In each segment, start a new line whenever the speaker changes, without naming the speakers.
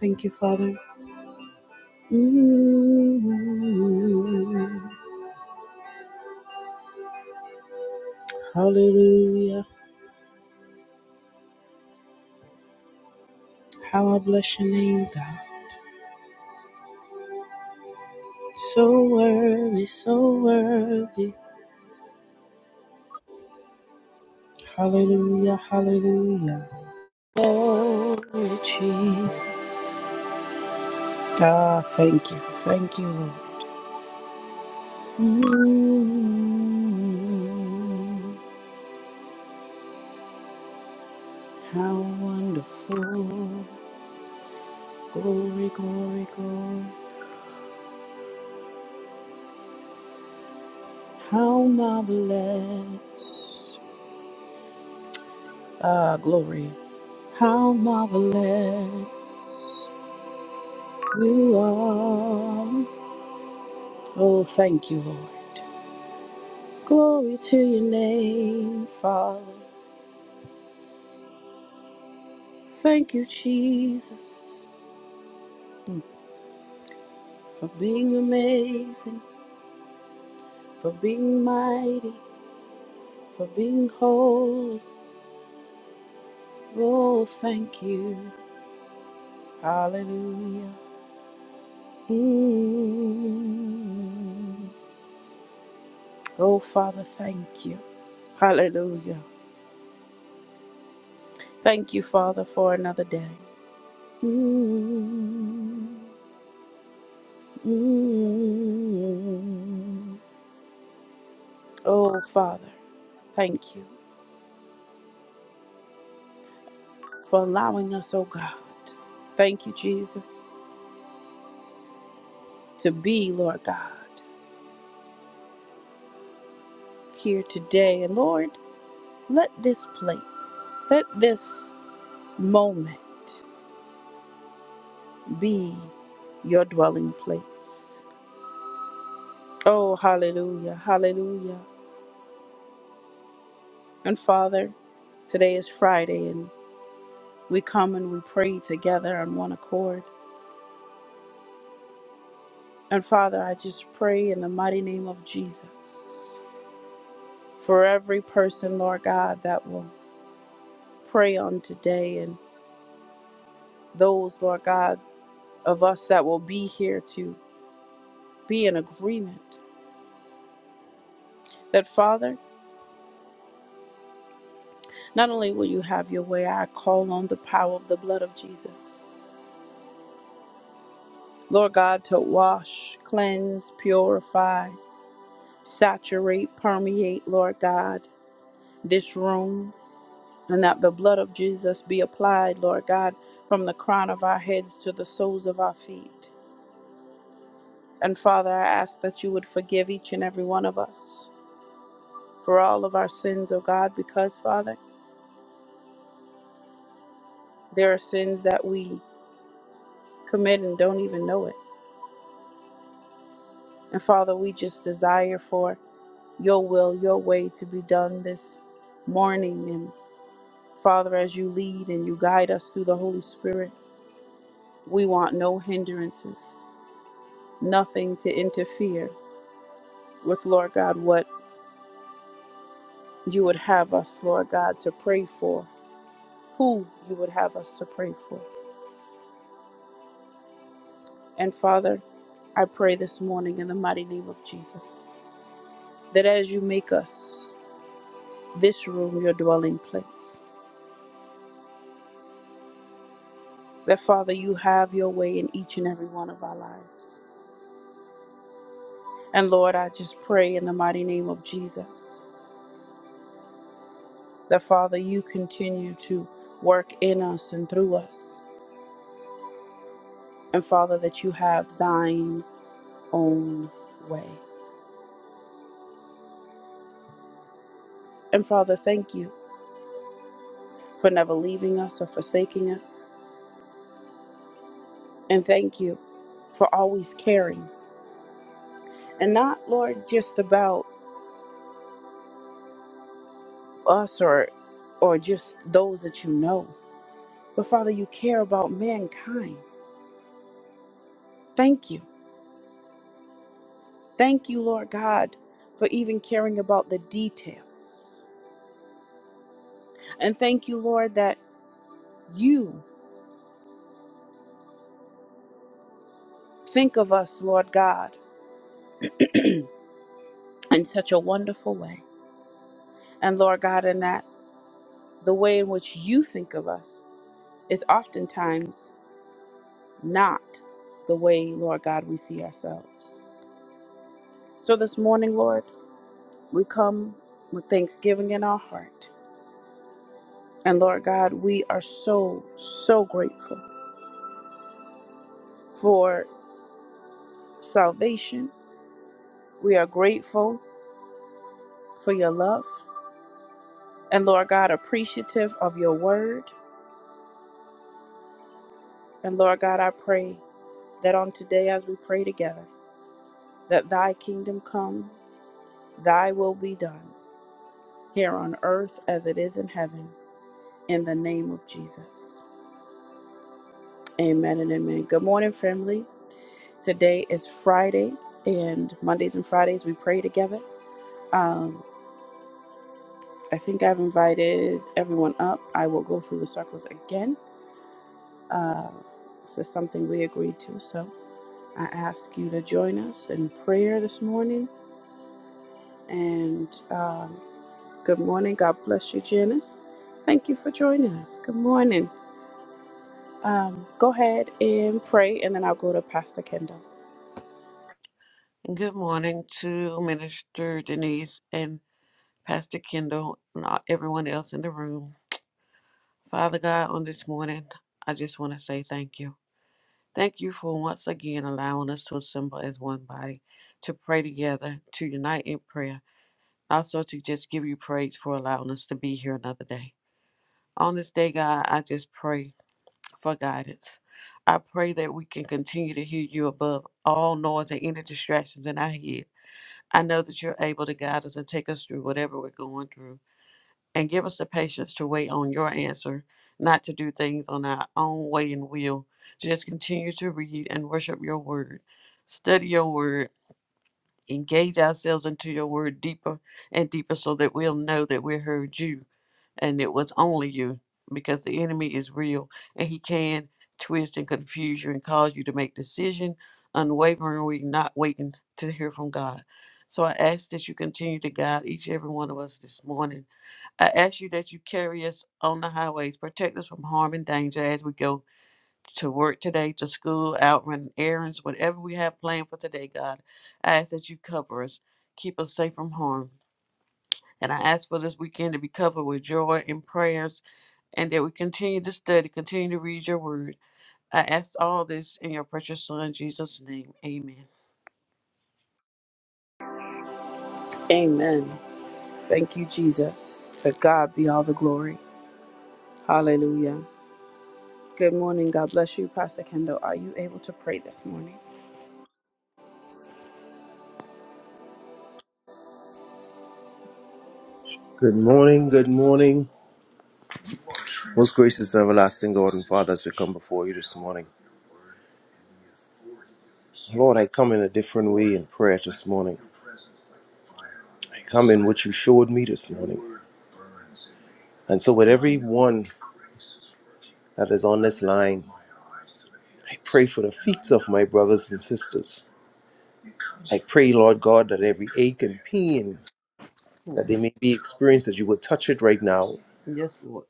Thank you, Father. Mm, hallelujah. How I bless your name, God. So worthy, so worthy. Hallelujah, hallelujah. Glory, Jesus. Ah, thank you, thank you, Lord. Mm, how wonderful. Glory, glory, glory. How marvelous. Ah, glory. How marvelous you are. Oh, thank you, Lord. Glory to your name, Father. Thank you, Jesus, for being amazing, for being mighty, for being holy. Oh, thank you. Hallelujah. Mm. Oh, Father, thank you. Hallelujah. Thank you, Father, for another day. Mm-hmm. Oh, Father, thank you for allowing us, oh God. Thank you, Jesus, to be, Lord God, here today. And Lord, let this place, let this moment be your dwelling place. Oh, hallelujah, hallelujah. And Father, today is Friday, and we come and we pray together on one accord. And Father, I just pray in the mighty name of Jesus for every person, Lord God, that will pray on today and those, Lord God, of us that will be here to be in agreement. That, Father, not only will you have your way, I call on the power of the blood of Jesus. Lord God, to wash, cleanse, purify, saturate, permeate, Lord God, this room. and that the blood of Jesus be applied, Lord God, from the crown of our heads to the soles of our feet. And Father, I ask that you would forgive each and every one of us for all of our sins, O God, because, Father, there are sins that we commit and don't even know it. And Father, we just desire for your will, your way to be done this morning. And Father, as you lead and you guide us through the Holy Spirit, we want no hindrances, nothing to interfere with, Lord God, what you would have us, Lord God, to pray for, who you would have us to pray for. And Father, I pray this morning in the mighty name of Jesus that as you make us this room your dwelling place, that Father, you have your way in each and every one of our lives. And Lord, I just pray in the mighty name of Jesus that Father, you continue to work in us and through us. And Father, that you have thine own way. And Father, thank you for never leaving us or forsaking us. And thank you for always caring. And not, Lord, just about us or or just those that you know. But Father, you care about mankind. Thank you. Thank you, Lord God, for even caring about the details. And thank you, Lord, that you think of us, Lord God, in such a wonderful way. And Lord God, in that the way in which you think of us is oftentimes not the way, Lord God, we see ourselves. So this morning, Lord, we come with thanksgiving in our heart. And Lord God, we are so, so grateful for salvation. We are grateful for your love. And Lord God, appreciative of your word. And Lord God, I pray that on today, as we pray together, that thy kingdom come, thy will be done here on earth as it is in heaven, in the name of Jesus. Amen and amen. Good morning, family. Today is Friday, and Mondays and Fridays we pray together. Um, I think I've invited everyone up. I will go through the circles again. Uh, this is something we agreed to, so I ask you to join us in prayer this morning. And um, good morning. God bless you, Janice. Thank you for joining us. Good morning. Um, go ahead and pray, and then I'll go to Pastor Kendall.
Good morning to Minister Denise and Pastor Kendall and all- everyone else in the room. Father God, on this morning, I just want to say thank you. Thank you for once again allowing us to assemble as one body, to pray together, to unite in prayer, also to just give you praise for allowing us to be here another day. On this day, God, I just pray for guidance. I pray that we can continue to hear you above all noise and any distractions in our head I know that you're able to guide us and take us through whatever we're going through and give us the patience to wait on your answer, not to do things on our own way and will. Just continue to read and worship your word. Study your word engage ourselves into your word deeper and deeper so that we'll know that we heard you and it was only you because the enemy is real and he can twist and confuse you and cause you to make decision unwaveringly not waiting to hear from god so i ask that you continue to guide each and every one of us this morning i ask you that you carry us on the highways protect us from harm and danger as we go to work today, to school, out running errands, whatever we have planned for today, God. I ask that you cover us, keep us safe from harm. And I ask for this weekend to be covered with joy and prayers, and that we continue to study, continue to read your word. I ask all this in your precious Son, Jesus' name. Amen.
Amen. Thank you, Jesus. To God be all the glory. Hallelujah. Good morning. God bless you, Pastor Kendall. Are you able to pray this morning?
Good morning, good morning. Most gracious and everlasting God and Father, as we come before you this morning. Lord, I come in a different way in prayer this morning. I come in what you showed me this morning. And so, with everyone that is on this line, I pray for the feet of my brothers and sisters. I pray, Lord God, that every ache and pain
Hmm.
that they may be experienced, that you will touch it right now.
Yes, Lord.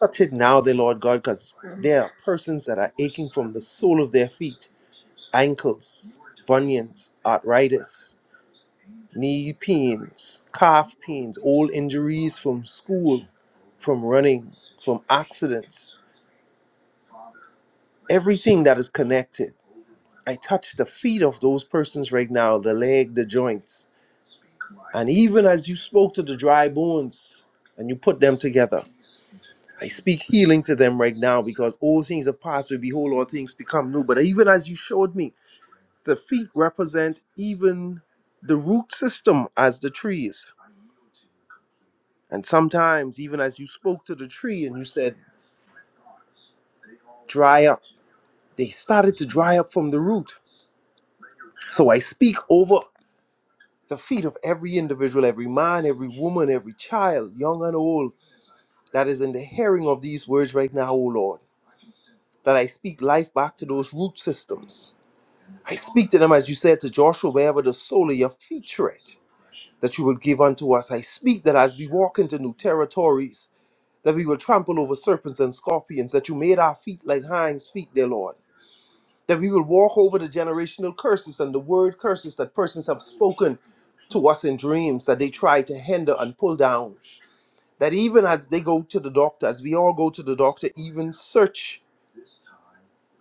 Touch it now, dear Lord God, because there are persons that are aching from the sole of their feet, ankles, bunions, arthritis knee pains, calf pains, old injuries from school, from running, from accidents, everything that is connected. I touch the feet of those persons right now, the leg, the joints. And even as you spoke to the dry bones and you put them together, I speak healing to them right now because all things have passed away. Behold, all things become new. But even as you showed me, the feet represent even the root system as the trees And sometimes, even as you spoke to the tree and you said, dry up, they started to dry up from the root. So I speak over the feet of every individual, every man, every woman, every child, young and old, that is in the hearing of these words right now, O Lord, that I speak life back to those root systems. I speak to them, as you said to Joshua, wherever the sole of your feet tread, that you will give unto us. I speak that as we walk into new territories, that we will trample over serpents and scorpions, that you made our feet like hinds' feet, dear Lord that we will walk over the generational curses and the word curses that persons have spoken to us in dreams that they try to hinder and pull down. That even as they go to the doctor, as we all go to the doctor, even search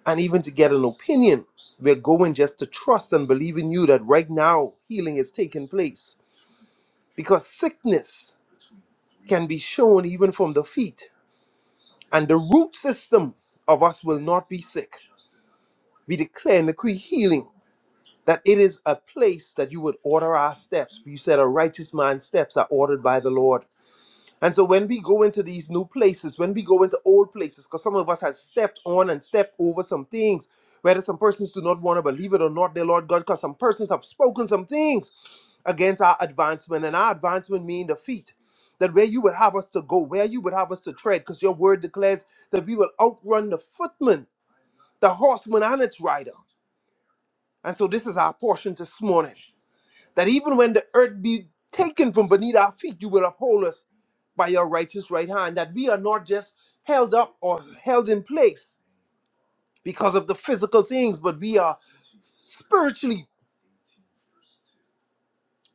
and even to get an opinion, we're going just to trust and believe in you that right now healing is taking place. Because sickness can be shown even from the feet, and the root system of us will not be sick. We declare and decree healing that it is a place that you would order our steps. For you said, A righteous man's steps are ordered by the Lord. And so when we go into these new places, when we go into old places, because some of us have stepped on and stepped over some things, whether some persons do not want to believe it or not, dear Lord God, because some persons have spoken some things against our advancement, and our advancement mean defeat. That where you would have us to go, where you would have us to tread, because your word declares that we will outrun the footman, the horseman, and its rider. And so this is our portion this morning that even when the earth be taken from beneath our feet, you will uphold us by your righteous right hand, that we are not just held up or held in place because of the physical things, but we are spiritually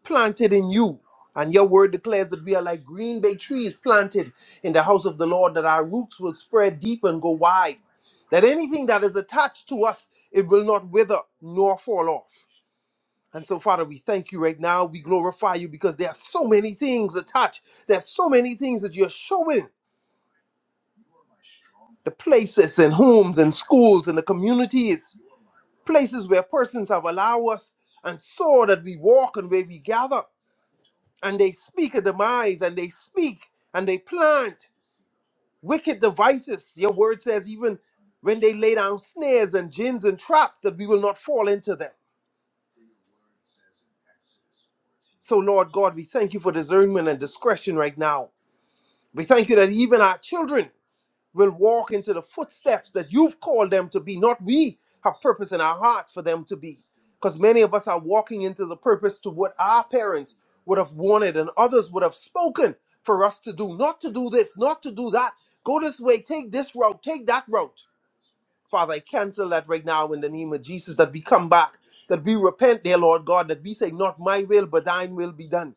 planted in you. And your word declares that we are like green bay trees planted in the house of the Lord, that our roots will spread deep and go wide, that anything that is attached to us, it will not wither nor fall off. And so, Father, we thank you right now. We glorify you because there are so many things attached. There's so many things that you're showing the places and homes and schools and the communities, places where persons have allowed us and saw that we walk and where we gather. And they speak a demise and they speak and they plant wicked devices. Your word says, even when they lay down snares and gins and traps, that we will not fall into them. So, Lord God, we thank you for discernment and discretion right now. We thank you that even our children will walk into the footsteps that you've called them to be, not we have purpose in our heart for them to be. Because many of us are walking into the purpose to what our parents would have wanted and others would have spoken for us to do, not to do this, not to do that. Go this way, take this route, take that route. Father, I cancel that right now in the name of Jesus, that we come back, that we repent, dear Lord God, that we say, Not my will, but thine will be done.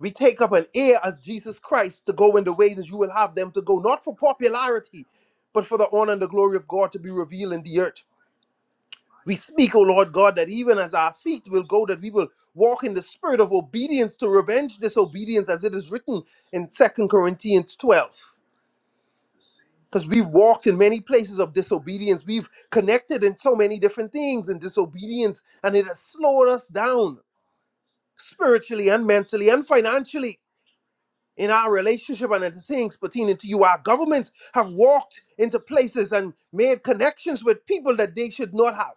We take up an heir as Jesus Christ to go in the way that you will have them to go, not for popularity, but for the honor and the glory of God to be revealed in the earth. We speak, O Lord God, that even as our feet will go, that we will walk in the spirit of obedience to revenge disobedience, as it is written in Second Corinthians 12. Because we've walked in many places of disobedience. We've connected in so many different things in disobedience, and it has slowed us down spiritually and mentally and financially. in our relationship and the things pertaining to you. Our governments have walked into places and made connections with people that they should not have.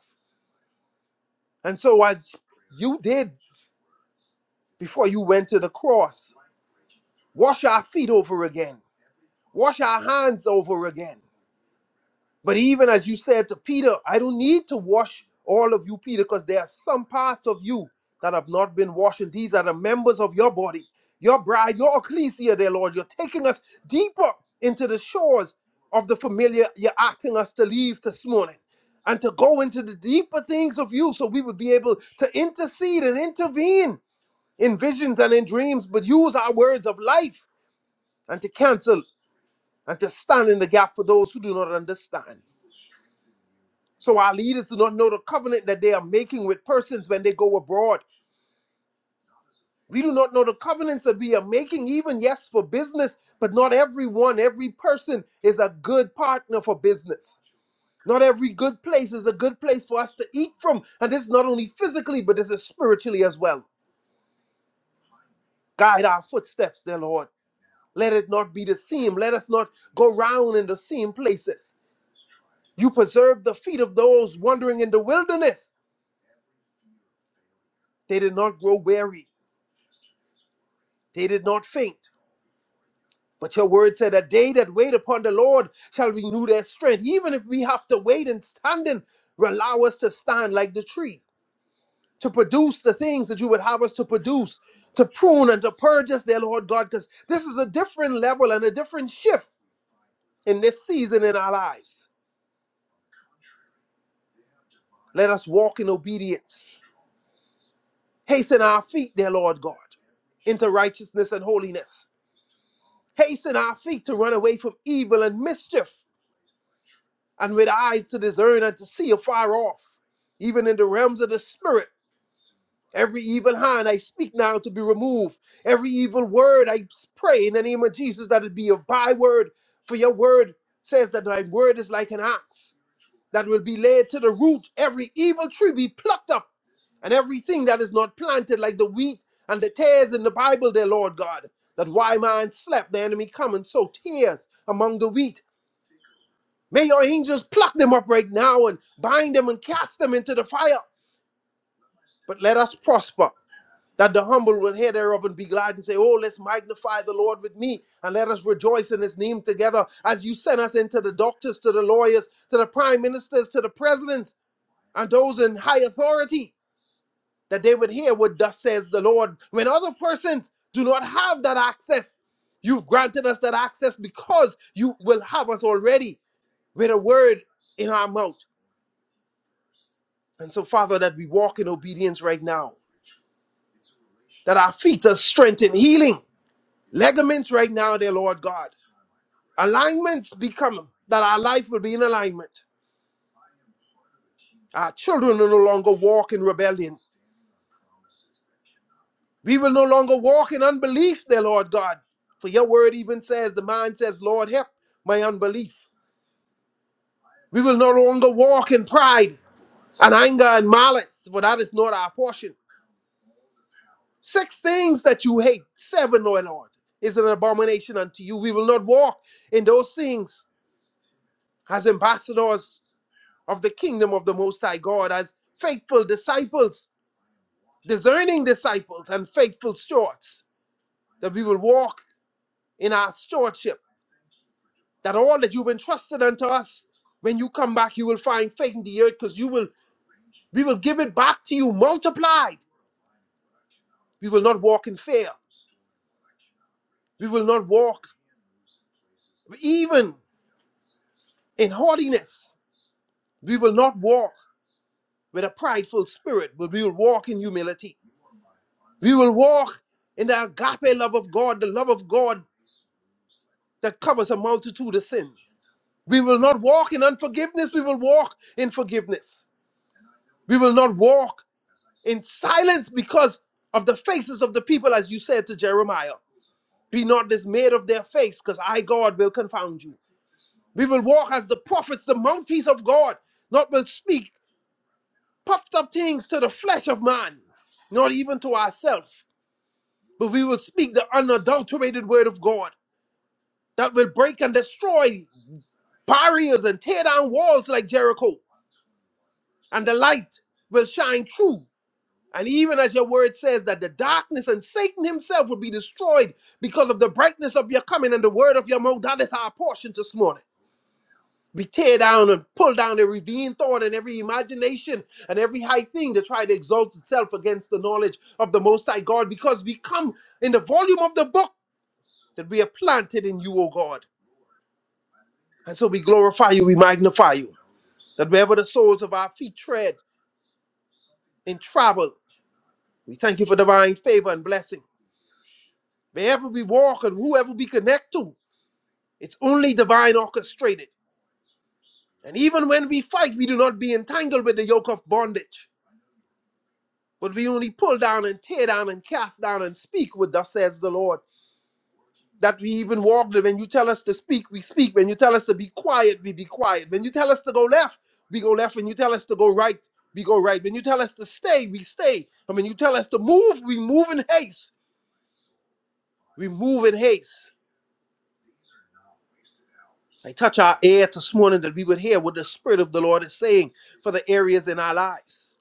And so, as you did before you went to the cross, wash our feet over again, wash our hands over again. But even as you said to Peter, I don't need to wash all of you, Peter, because there are some parts of you that have not been washed. And these are the members of your body, your bride, your ecclesia, dear Lord. You're taking us deeper into the shores of the familiar you're asking us to leave this morning and to go into the deeper things of you so we would be able to intercede and intervene in visions and in dreams, but use our words of life and to cancel and to stand in the gap for those who do not understand. So our leaders do not know the covenant that they are making with persons when they go abroad. We do not know the covenants that we are making, even yes, for business, but not everyone, every person is a good partner for business. Not every good place is a good place for us to eat from. And this is not only physically, but this is spiritually as well. Guide our footsteps, dear Lord. Let it not be the same. Let us not go round in the same places. You preserved the feet of those wandering in the wilderness. They did not grow weary. They did not faint. But your word said "A day that wait upon the Lord shall renew their strength. Even if we have to wait and standing, allow us to stand like the tree, to produce the things that you would have us to produce, to prune and to purge us, dear Lord God, because this is a different level and a different shift in this season in our lives. Let us walk in obedience. Hasten our feet, dear Lord God, into righteousness and holiness. Hasten our feet to run away from evil and mischief. and with eyes to discern and to see afar off, even in the realms of the spirit. Every evil hand I speak now to be removed. Every evil word I pray in the name of Jesus that it be a byword. For your word says that thy word is like an axe that will be laid to the root. Every evil tree be plucked up, and everything that is not planted like the wheat and the tares in the Bible, dear Lord God. That why man slept, the enemy come and sow tears among the wheat May your angels pluck them up right now and bind them and cast them into the fire. But let us prosper, that the humble will hear thereof and be glad and say, Oh, let's magnify the Lord with me and let us rejoice in his name together as you send us into the doctors, to the lawyers, to the prime ministers, to the presidents, and those in high authority, that they would hear what thus says the Lord. When other persons do not have that access, you've granted us that access because you will have us already with a word in our mouth And so, Father, that we walk in obedience right now, that our feet are strengthened, healing, ligaments right now, dear Lord God. Alignments become that our life will be in alignment. Our children will no longer walk in rebellion. We will no longer walk in unbelief, dear Lord God. For your word even says, the mind says, Lord, help my unbelief. We will no longer walk in pride and anger and malice, for that is not our portion. Six things that you hate, seven, O Lord, is an abomination unto you. We will not walk in those things as ambassadors of the kingdom of the Most High God, as faithful disciples, discerning disciples, and faithful stewards, that we will walk in our stewardship, that all that you've entrusted unto us, when you come back, you will find faith in the earth, because you will we will give it back to you multiplied. We will not walk in fear. We will not walk even in haughtiness. We will not walk with a prideful spirit, but we will walk in humility. We will walk in the agape love of God, the love of God that covers a multitude of sin. We will not walk in unforgiveness, we will walk in forgiveness. We will not walk in silence because of the faces of the people, as you said to Jeremiah. Be not dismayed of their face, because I, God, will confound you. We will walk as the prophets, the mouthpiece of God, not will speak puffed up things to the flesh of man, not even to ourselves. But we will speak the unadulterated word of God that will break and destroy barriers and tear down walls like Jericho. And the light will shine through. And even as your word says, that the darkness and Satan himself will be destroyed because of the brightness of your coming and the word of your mouth. That is our portion this morning. We tear down and pull down every vain thought and every imagination and every high thing to try to exalt itself against the knowledge of the Most High God because we come in the volume of the book that we are planted in you, O God. And so we glorify you, we magnify you, that wherever the soles of our feet tread in travel, we thank you for divine favor and blessing. Wherever we walk and whoever we connect to, it's only divine orchestrated. And even when we fight, we do not be entangled with the yoke of bondage. But we only pull down and tear down and cast down and speak with thus says the Lord. That we even walk there. When you tell us to speak, we speak. When you tell us to be quiet, we be quiet. When you tell us to go left, we go left. When you tell us to go right, we go right. When you tell us to stay, we stay. And when you tell us to move, we move in haste. We move in haste. I touch our ear this morning that we would hear what the Spirit of the Lord is saying for the areas in our lives.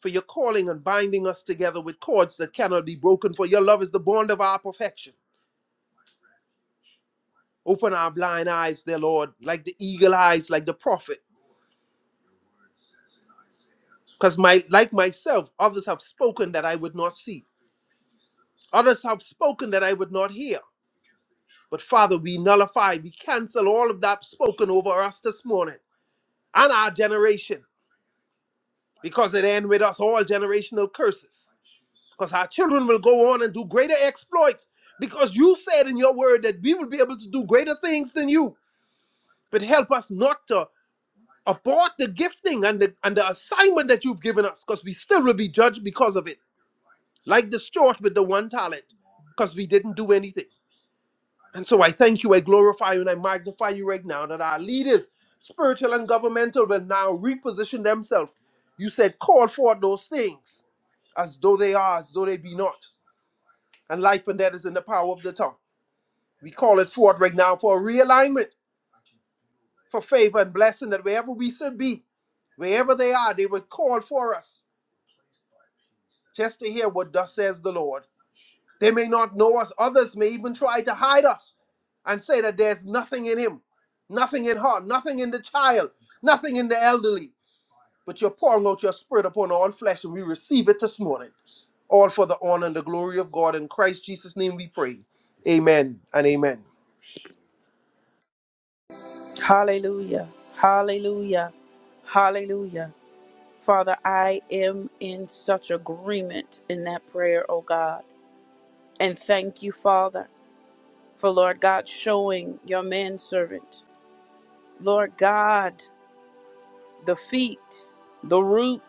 For your calling and binding us together with cords that cannot be broken, for your love is the bond of our perfection. Open our blind eyes, dear Lord, like the eagle eyes, like the prophet. Because my like myself, others have spoken that I would not see. Others have spoken that I would not hear. But Father, we nullify, we cancel all of that spoken over us this morning and our generation, because it end with us all generational curses. Because our children will go on and do greater exploits. Because you said in your word that we will be able to do greater things than you. But help us not to abort the gifting and the and the assignment that you've given us, because we still will be judged because of it, like the steward with the one talent, because we didn't do anything. And so I thank you, I glorify you, and I magnify you right now that our leaders, spiritual and governmental, will now reposition themselves. You said, call forth those things as though they are, as though they be not. And life and death is in the power of the tongue. We call it forth right now for realignment, for favor and blessing that wherever we should be, wherever they are, they would call for us just to hear what thus says the Lord. They may not know us. Others may even try to hide us and say that there's nothing in him, nothing in her, nothing in the child, nothing in the elderly. But you're pouring out your spirit upon all flesh, and we receive it this morning. All for the honor and the glory of God. In Christ Jesus' name we pray. Amen and amen.
Hallelujah. Hallelujah. Hallelujah. Father, I am in such agreement in that prayer, oh God. And thank you, Father, for Lord God showing your manservant, Lord God, the feet, the root.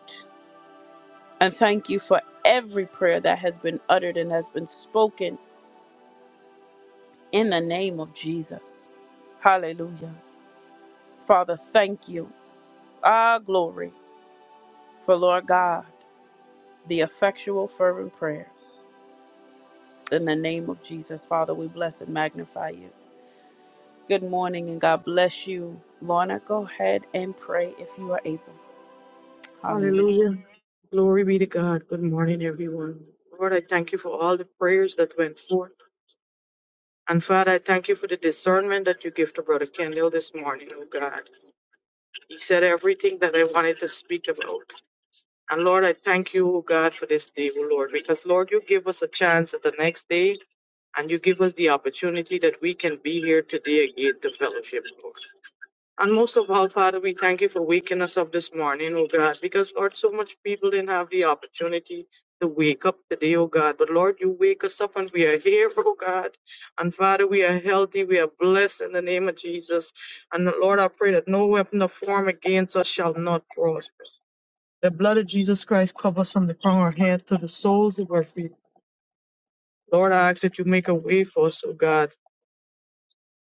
And thank you for every prayer that has been uttered and has been spoken in the name of Jesus. Hallelujah. Father, thank you. Ah, glory for Lord God, the effectual, fervent prayers. In the name of Jesus, Father, we bless and magnify you. Good morning and God bless you. Lorna, go ahead and pray if you are able. Hallelujah.
Hallelujah. Glory be to God. Good morning, everyone. Lord, I thank you for all the prayers that went forth. And Father, I thank you for the discernment that you give to Brother Kendall this morning, oh God. He said everything that I wanted to speak about. And Lord, I thank you, oh God, for this day, oh Lord, because Lord, you give us a chance at the next day and you give us the opportunity that we can be here today again to fellowship, Lord. And most of all, Father, we thank you for waking us up this morning, oh God, because Lord, so much people didn't have the opportunity to wake up today, oh God. But Lord, you wake us up and we are here, oh God. And Father, we are healthy, we are blessed in the name of Jesus. And Lord, I pray that no weapon of form against us shall not prosper. The blood of Jesus Christ covers from the crown of our heads to the soles of our feet. Lord, I ask that you make a way for us, oh God.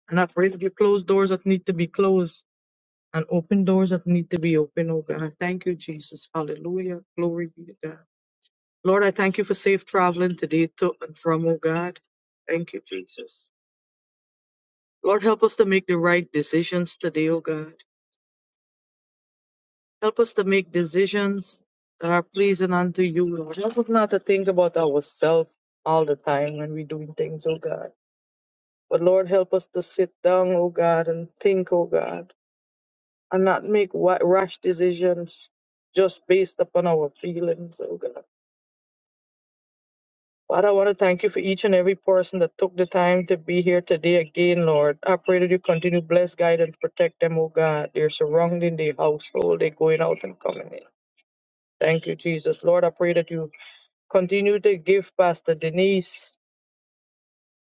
And I pray that you close doors that need to be closed and open doors that need to be open, oh God. Thank you, Jesus. Hallelujah. Glory be to God. Lord, I thank you for safe traveling today to and from, oh God. Thank you, Jesus. Lord, help us to make the right decisions today, oh God. Help us to make decisions that are pleasing unto you, Lord. Help us not to think about ourselves all the time when we're doing things, oh God. But Lord, help us to sit down, oh God, and think, oh God and not make wa- rash decisions just based upon our feelings. Oh God. Father, I want to thank you for each and every person that took the time to be here today again, Lord. I pray that you continue to bless, guide, and protect them, oh God. They're surrounding their household, they're going out and coming in. Thank you, Jesus. Lord, I pray that you continue to give Pastor Denise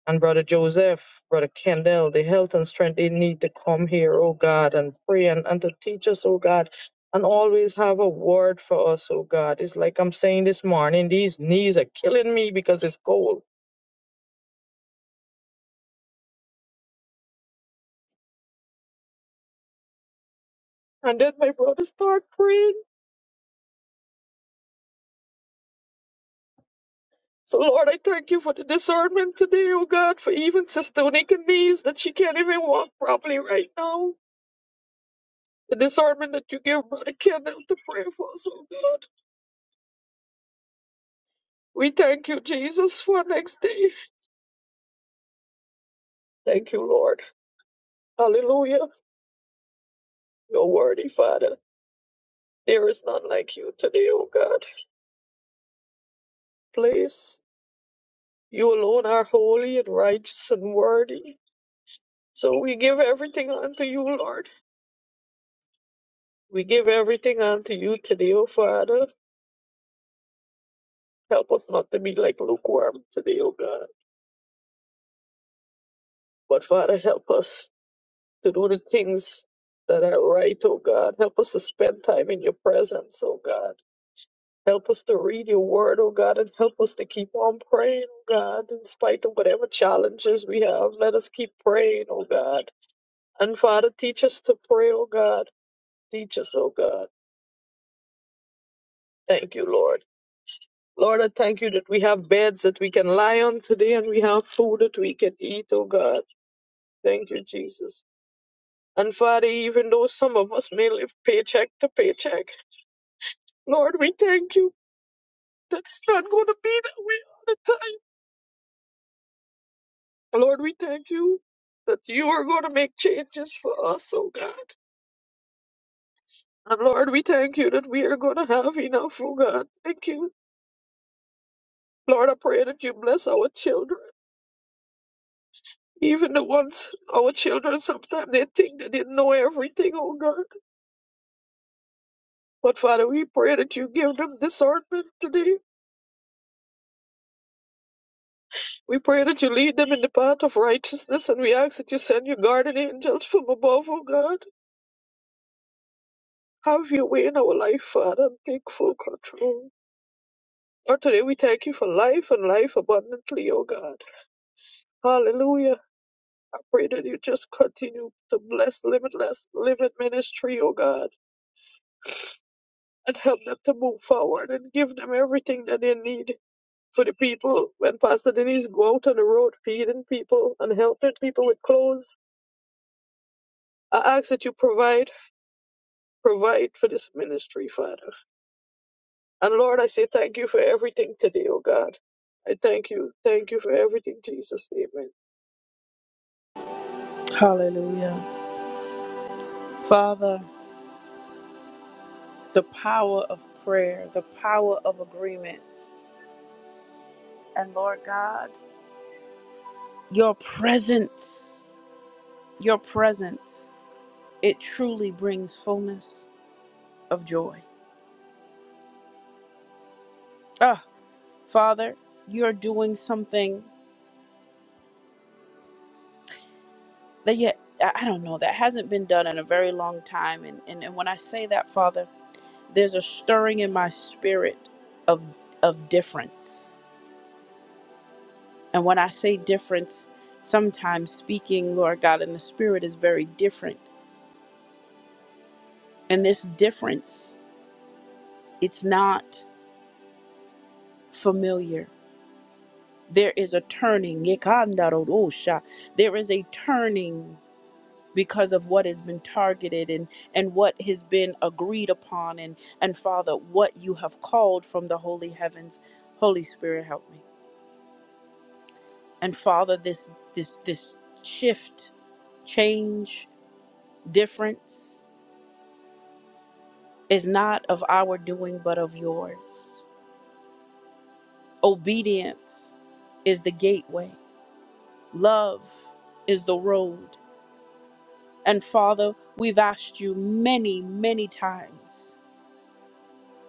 and Brother Joseph, Brother Kendall, the health and strength they need to come here, oh God, and pray and, and to teach us, oh God, and always have a word for us, oh God. It's like I'm saying this morning, these knees are killing me because it's cold. And then my brother start praying. So Lord, I thank you for the discernment today, oh God, for even Sister Onika knees that she can't even walk properly right now. The discernment that you give Brother Kendall to pray for us, oh God. We thank you, Jesus, for next day. Thank you, Lord. Hallelujah. You're worthy, Father. There is none like you today, O God. Please, you alone are holy and righteous and worthy. So we give everything unto you, Lord. We give everything unto you today, O Father. Help us not to be like lukewarm today, O God. But Father, help us to do the things that are right, O God. Help us to spend time in your presence, O God. Help us to read your word, oh God, and help us to keep on praying, oh God, in spite of whatever challenges we have. Let us keep praying, oh God. And Father, teach us to pray, oh God. Teach us, oh God. Thank you, Lord. Lord, I thank you that we have beds that we can lie on today and we have food that we can eat, oh God. Thank you, Jesus. And Father, even though some of us may live paycheck to paycheck, Lord, we thank you. that it's not going to be that way all the time. Lord, we thank you that you are going to make changes for us, oh God. And Lord, we thank you that we are going to have enough, oh God. Thank you. Lord, I pray that you bless our children. Even the ones, our children, sometimes they think they didn't know everything, oh God. But Father, we pray that you give them discernment today. We pray that you lead them in the path of righteousness, and we ask that you send your guardian angels from above, oh God. Have your way in our life, Father, and take full control. Lord, today we thank you for life and life abundantly, O God. Hallelujah. I pray that you just continue to bless Limitless Living Ministry, O God, and help them to move forward and give them everything that they need for the people. When Pastor Denise go out on the road feeding people and helping people with clothes, I ask that you provide, provide for this ministry, Father. And Lord, I say thank you for everything today, O God. I thank you. Thank you for everything, Jesus. Amen.
Hallelujah. Father, the power of prayer, the power of agreement. And Lord God, your presence, your presence. It truly brings fullness of joy. Ah, Father, you're doing something that yet I don't know that hasn't been done in a very long time. And, and and when I say that, Father, there's a stirring in my spirit of of difference. And when I say difference, sometimes speaking, Lord God, in the spirit is very different. And this difference, it's not familiar. There is a turning. There is a turning because of what has been targeted and and what has been agreed upon and and father what you have called from the holy heavens holy spirit help me and father this this this shift change difference is not of our doing but of yours obedience is the gateway love is the road and father we've asked you many many times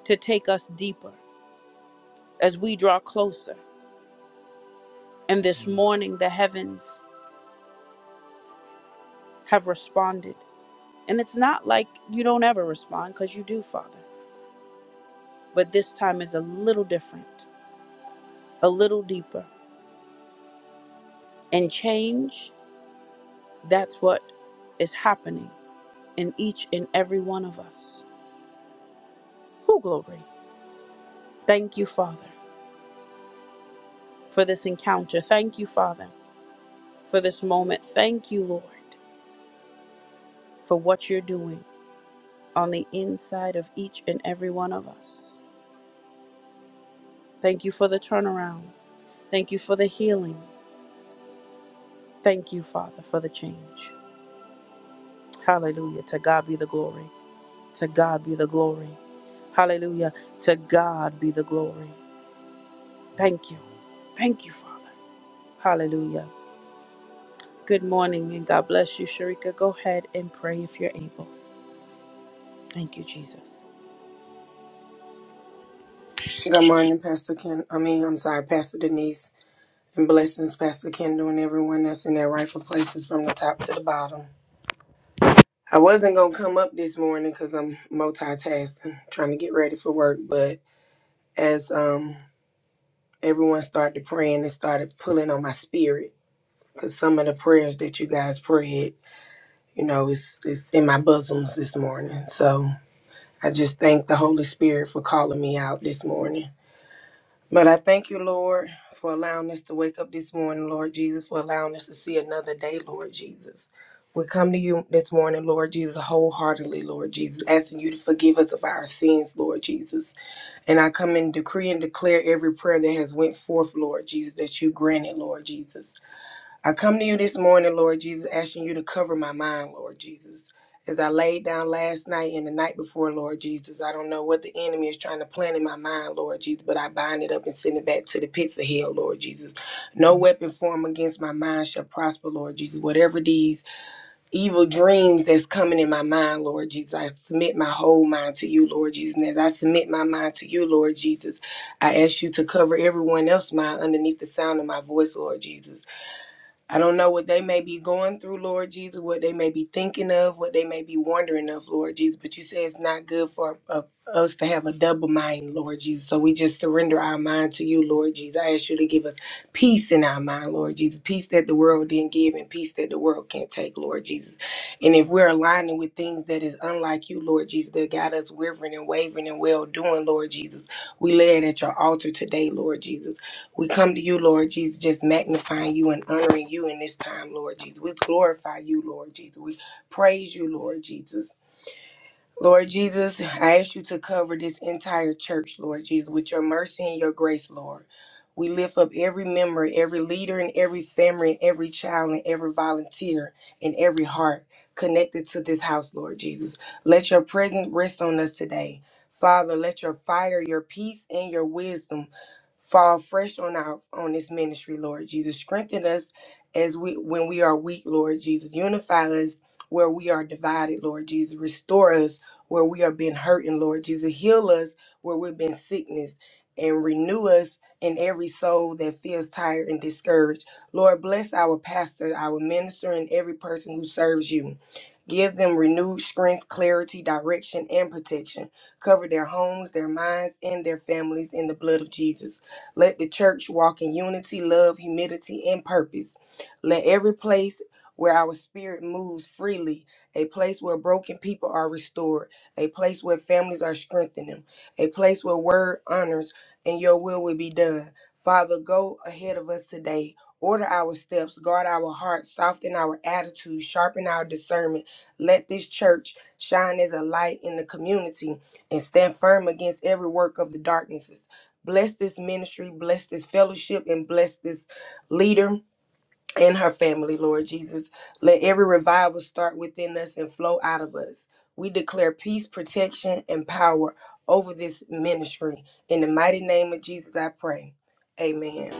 to take us deeper as we draw closer And this morning, the heavens have responded. And it's not like you don't ever respond, because you do, Father. But this time is a little different, a little deeper. And change, that's what is happening in each and every one of us. Who glory? Thank you, Father, for this encounter. Thank you, Father, for this moment. Thank you, Lord, for what you're doing on the inside of each and every one of us. Thank you for the turnaround. Thank you for the healing. Thank you, Father, for the change. Hallelujah. To God be the glory. To God be the glory. Hallelujah. To God be the glory. Thank you. Thank you, Father. Hallelujah. Good morning and God bless you, Sharika. Go ahead and pray if you're able. Thank you, Jesus.
Good morning, Pastor Ken. I mean, I'm sorry, Pastor Denise, and blessings, Pastor Kendall, and everyone that's in their rightful places from the top to the bottom. I wasn't gonna come up this morning because I'm multitasking, trying to get ready for work. But as um everyone started praying, it started pulling on my spirit because some of the prayers that you guys prayed, you know, it's it's in my bosoms this morning. So I just thank the Holy Spirit for calling me out this morning. But I thank you, Lord, for allowing us to wake up this morning, Lord Jesus, for allowing us to see another day, Lord Jesus. We come to you this morning, Lord Jesus, wholeheartedly, Lord Jesus, asking you to forgive us of our sins, Lord Jesus. And I come and decree and declare every prayer that has went forth, Lord Jesus, that you granted, Lord Jesus. I come to you this morning, Lord Jesus, asking you to cover my mind, Lord Jesus. As I laid down last night and the night before, Lord Jesus, I don't know what the enemy is trying to plant in my mind, Lord Jesus, but I bind it up and send it back to the pits of hell, Lord Jesus. No weapon formed against my mind shall prosper, Lord Jesus. Whatever these evil dreams that's coming in my mind, Lord Jesus, I submit my whole mind to you, Lord Jesus. And as I submit my mind to you, Lord Jesus, I ask you to cover everyone else's mind underneath the sound of my voice, Lord Jesus. I don't know what they may be going through, Lord Jesus, what they may be thinking of, what they may be wondering of, Lord Jesus. But you say it's not good for uh, us to have a double mind, Lord Jesus. So we just surrender our mind to you, Lord Jesus. I ask you to give us peace in our mind, Lord Jesus. Peace that the world didn't give and peace that the world can't take, Lord Jesus. And if we're aligning with things that is unlike you, Lord Jesus, that got us wavering and wavering and well doing, Lord Jesus, we lay it at your altar today, Lord Jesus. We come to you, Lord Jesus, just magnifying you and honoring you in this time, Lord Jesus. We glorify you, Lord Jesus. We praise you, Lord Jesus. Lord Jesus, I ask you to cover this entire church, Lord Jesus, with your mercy and your grace, Lord. We lift up every member, every leader, and every family, and every child, and every volunteer, and every heart connected to this house, Lord Jesus. Let your presence rest on us today. Father, let your fire, your peace, and your wisdom fall fresh on our on this ministry, Lord Jesus. Strengthen us as we when we are weak, Lord Jesus. Unify us where we are divided, Lord Jesus. Restore us where we are being hurt, and Lord Jesus, heal us where we've been sickness and renew us in every soul that feels tired and discouraged. Lord, bless our pastor, our minister, and every person who serves you. Give them renewed strength, clarity, direction, and protection. Cover their homes, their minds, and their families in the blood of Jesus. Let the church walk in unity, love, humility, and purpose. Let every place where our spirit moves freely, a place where broken people are restored a place where families are strengthened, a place where word honors and your will will be done. Father, go ahead of us today. Order our steps, guard our hearts, soften our attitude, sharpen our discernment. Let this church shine as a light in the community and stand firm against every work of the darknesses. Bless this ministry, bless this fellowship, and bless this leader and her family, Lord Jesus. Let every revival start within us and flow out of us. We declare peace, protection, and power over this ministry. In the mighty name of Jesus, I pray. Amen.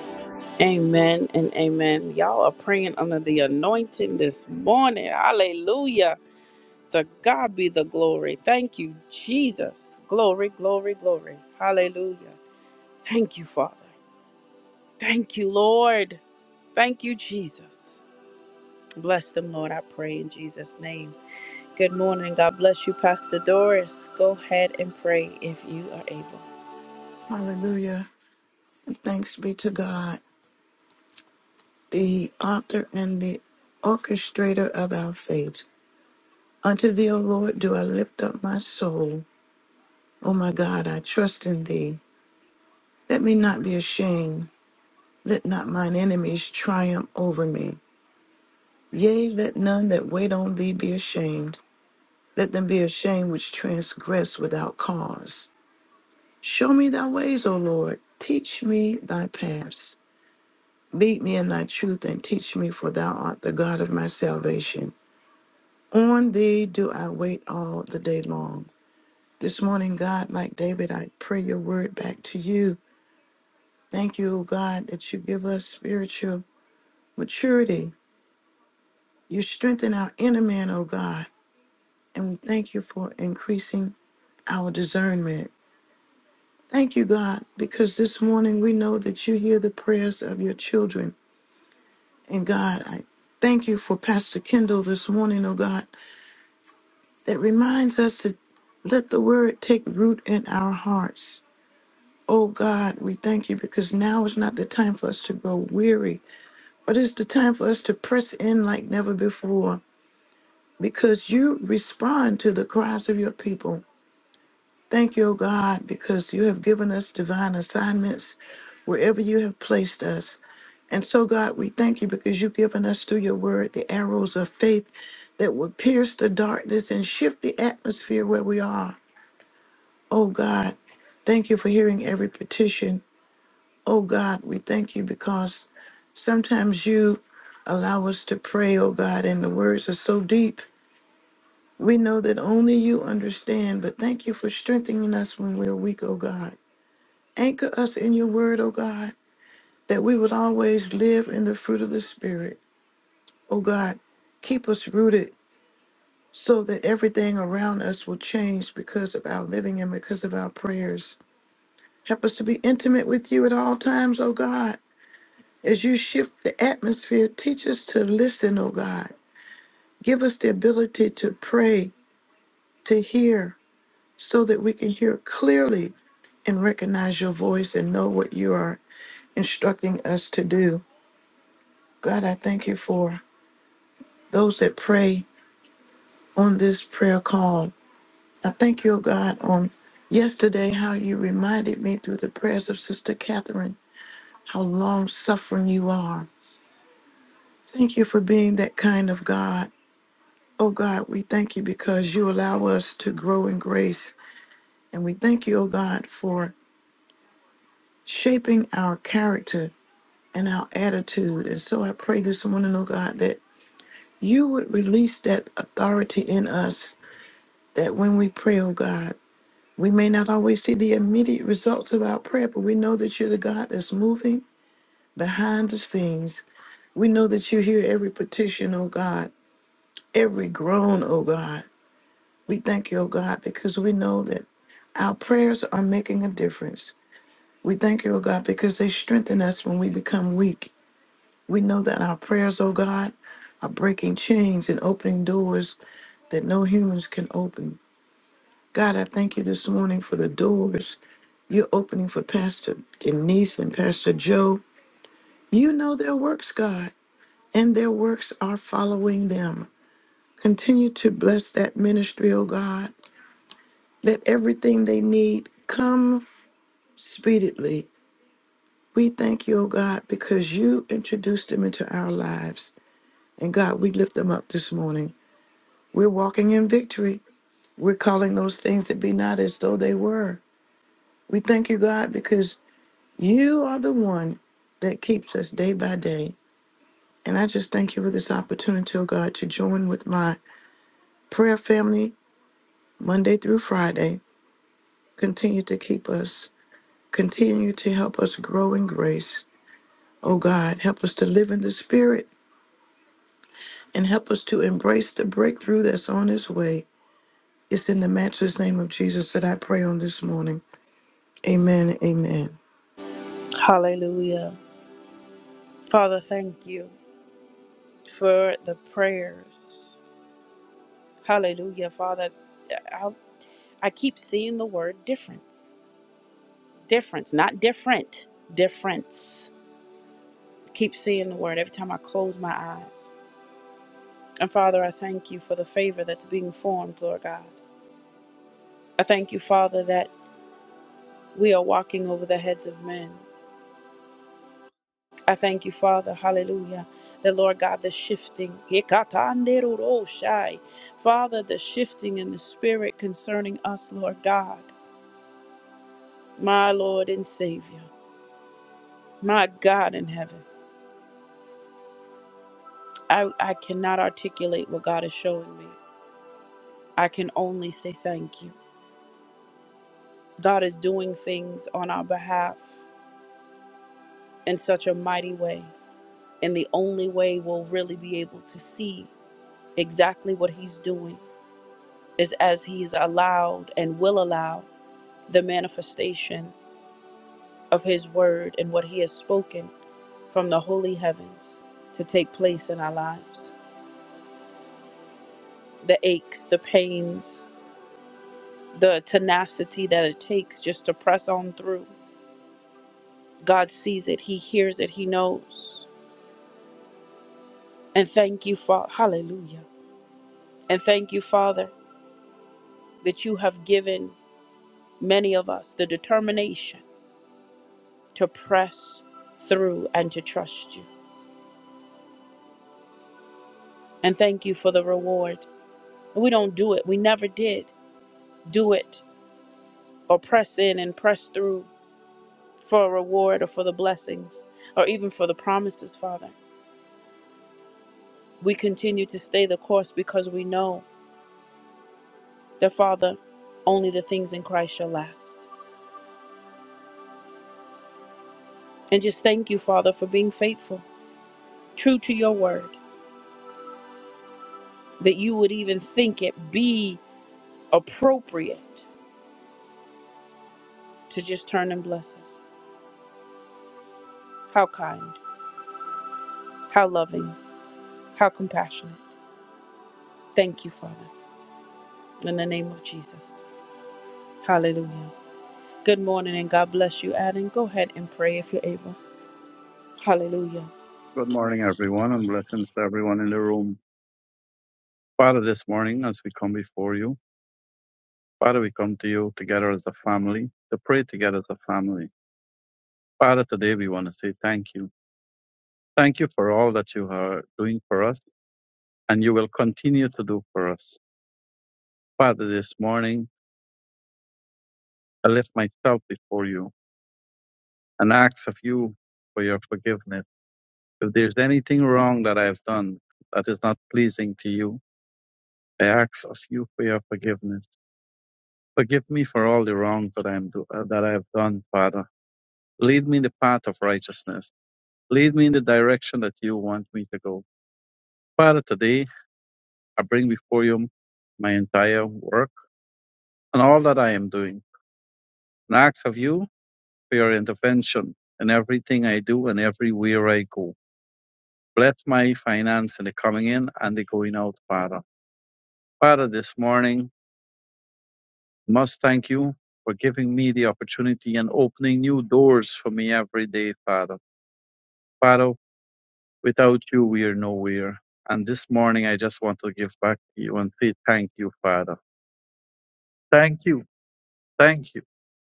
Amen and amen. Y'all are praying under the anointing this morning. Hallelujah. To God be the glory. Thank you, Jesus. Glory, glory, glory. Hallelujah. Thank you, Father. Thank you, Lord. Thank you, Jesus. Bless them, Lord. I pray in Jesus' name. Good morning. God bless you, Pastor Doris. Go ahead and pray if you are able.
Hallelujah. And Thanks be to God, the author and the orchestrator of our faith. Unto thee, O Lord, do I lift up my soul. O my God, I trust in thee. Let me not be ashamed. Let not mine enemies triumph over me. Yea, let none that wait on thee be ashamed. Let them be ashamed which transgress without cause. Show me thy ways, O Lord. Teach me thy paths. Lead me in thy truth and teach me, for thou art the God of my salvation. On thee do I wait all the day long. This morning, God, like David, I pray your word back to you. Thank you, O God, that you give us spiritual maturity. You strengthen our inner man, O God, and we thank you for increasing our discernment. Thank you, God, because this morning we know that you hear the prayers of your children. And God, I thank you for Pastor Kendall this morning, oh God. that reminds us to let the word take root in our hearts. Oh God, we thank you because now is not the time for us to grow weary, but it's the time for us to press in like never before because you respond to the cries of your people. Thank you, oh God, because you have given us divine assignments wherever you have placed us. And so, God, we thank you because you've given us through your word the arrows of faith that will pierce the darkness and shift the atmosphere where we are. Oh God, thank you for hearing every petition. Oh God, we thank you because sometimes you allow us to pray, oh God, and the words are so deep. We know that only you understand, but thank you for strengthening us when we're weak, oh God. Anchor us in your word, oh God, that we would always live in the fruit of the Spirit. Oh God, keep us rooted so that everything around us will change because of our living and because of our prayers. Help us to be intimate with you at all times, O God. As you shift the atmosphere, teach us to listen, O God. Give us the ability to pray, to hear, so that we can hear clearly and recognize your voice and know what you are instructing us to do. God, I thank you for those that pray on this prayer call. I thank you, O God, on yesterday how you reminded me through the prayers of Sister Catherine how long suffering you are Thank you for being that kind of God. Oh God, we thank you because you allow us to grow in grace. And we thank you, oh God, for shaping our character and our attitude. And so I pray this morning, oh God, that you would release that authority in us that when we pray, oh God, we may not always see the immediate results of our prayer, but we know that you're the God that's moving behind the scenes. We know that you hear every petition, oh God, every groan, oh God. We thank you, O God, because we know that our prayers are making a difference. We thank you, O God, because they strengthen us when we become weak. We know that our prayers, O God, are breaking chains and opening doors that no humans can open. God, I thank you this morning for the doors you're opening for Pastor Denise and Pastor Joe. You know their works, God, and their works are following them. Continue to bless that ministry, O God. Let everything they need come speedily. We thank you, O God, because you introduced them into our lives. And God, we lift them up this morning. We're walking in victory. We're calling those things that be not as though they were. We thank you, God, because you are the one that keeps us day by day. And I just thank you for this opportunity, oh God, to join with my prayer family Monday through Friday. Continue to keep us, continue to help us grow in grace Oh God, help us to live in the Spirit and help us to embrace the breakthrough that's on its way. It's in the matchless name of Jesus that I pray on this morning. Amen. Amen.
Hallelujah. Father, thank you for the prayers. Hallelujah, Father. I, I keep seeing the word difference. Difference, not different. Difference. Keep seeing the word every time I close my eyes. And Father, I thank you for the favor that's being formed, Lord God. I thank you, Father, that we are walking over the heads of men. I thank you, Father, hallelujah, that Lord God, the shifting. Father, the shifting in the spirit concerning us, Lord God, my Lord and Savior, my God in heaven. I, I cannot articulate what God is showing me. I can only say thank you. God is doing things on our behalf in such a mighty way. And the only way we'll really be able to see exactly what He's doing is as He's allowed and will allow the manifestation of His word and what He has spoken from the holy heavens to take place in our lives. The aches, the pains, the tenacity that it takes just to press on through God sees it, He hears it, He knows. And thank you, Father. Hallelujah. And thank you, Father, that you have given many of us the determination to press through and to trust you. And thank you for the reward. We don't do it, we never did do it or press in and press through for a reward or for the blessings or even for the promises, Father. We continue to stay the course because we know that, Father, only the things in Christ shall last. And just thank you, Father, for being faithful, true to your word, that you would even think it be appropriate to just turn and bless us. How kind, how loving, how compassionate. Thank you, Father, in the name of Jesus. Hallelujah. Good morning and God bless you, Adam. Go ahead and pray if you're able. Hallelujah.
Good morning, everyone, and blessings to everyone in the room. Father, this morning, as we come before you, Father, we come to you together as a family, to pray together as a family. Father, today we want to say thank you. Thank you for all that you are doing for us and you will continue to do for us. Father, this morning, I lift myself before you and ask of you for your forgiveness. If there's anything wrong that I have done that is not pleasing to you, I ask of you for your forgiveness. Forgive me for all the wrong that I am do- uh, that I have done, Father. Lead me in the path of righteousness. Lead me in the direction that you want me to go. Father, today I bring before you my entire work and all that I am doing, and I ask of you for your intervention in everything I do and everywhere I go. Bless my finance in the coming in and the going out, Father. Father, this morning I must thank you for giving me the opportunity and opening new doors for me every day, Father. Father, Without you, we are nowhere. And this morning, I just want to give back to you and say thank you, Father. Thank you. Thank you.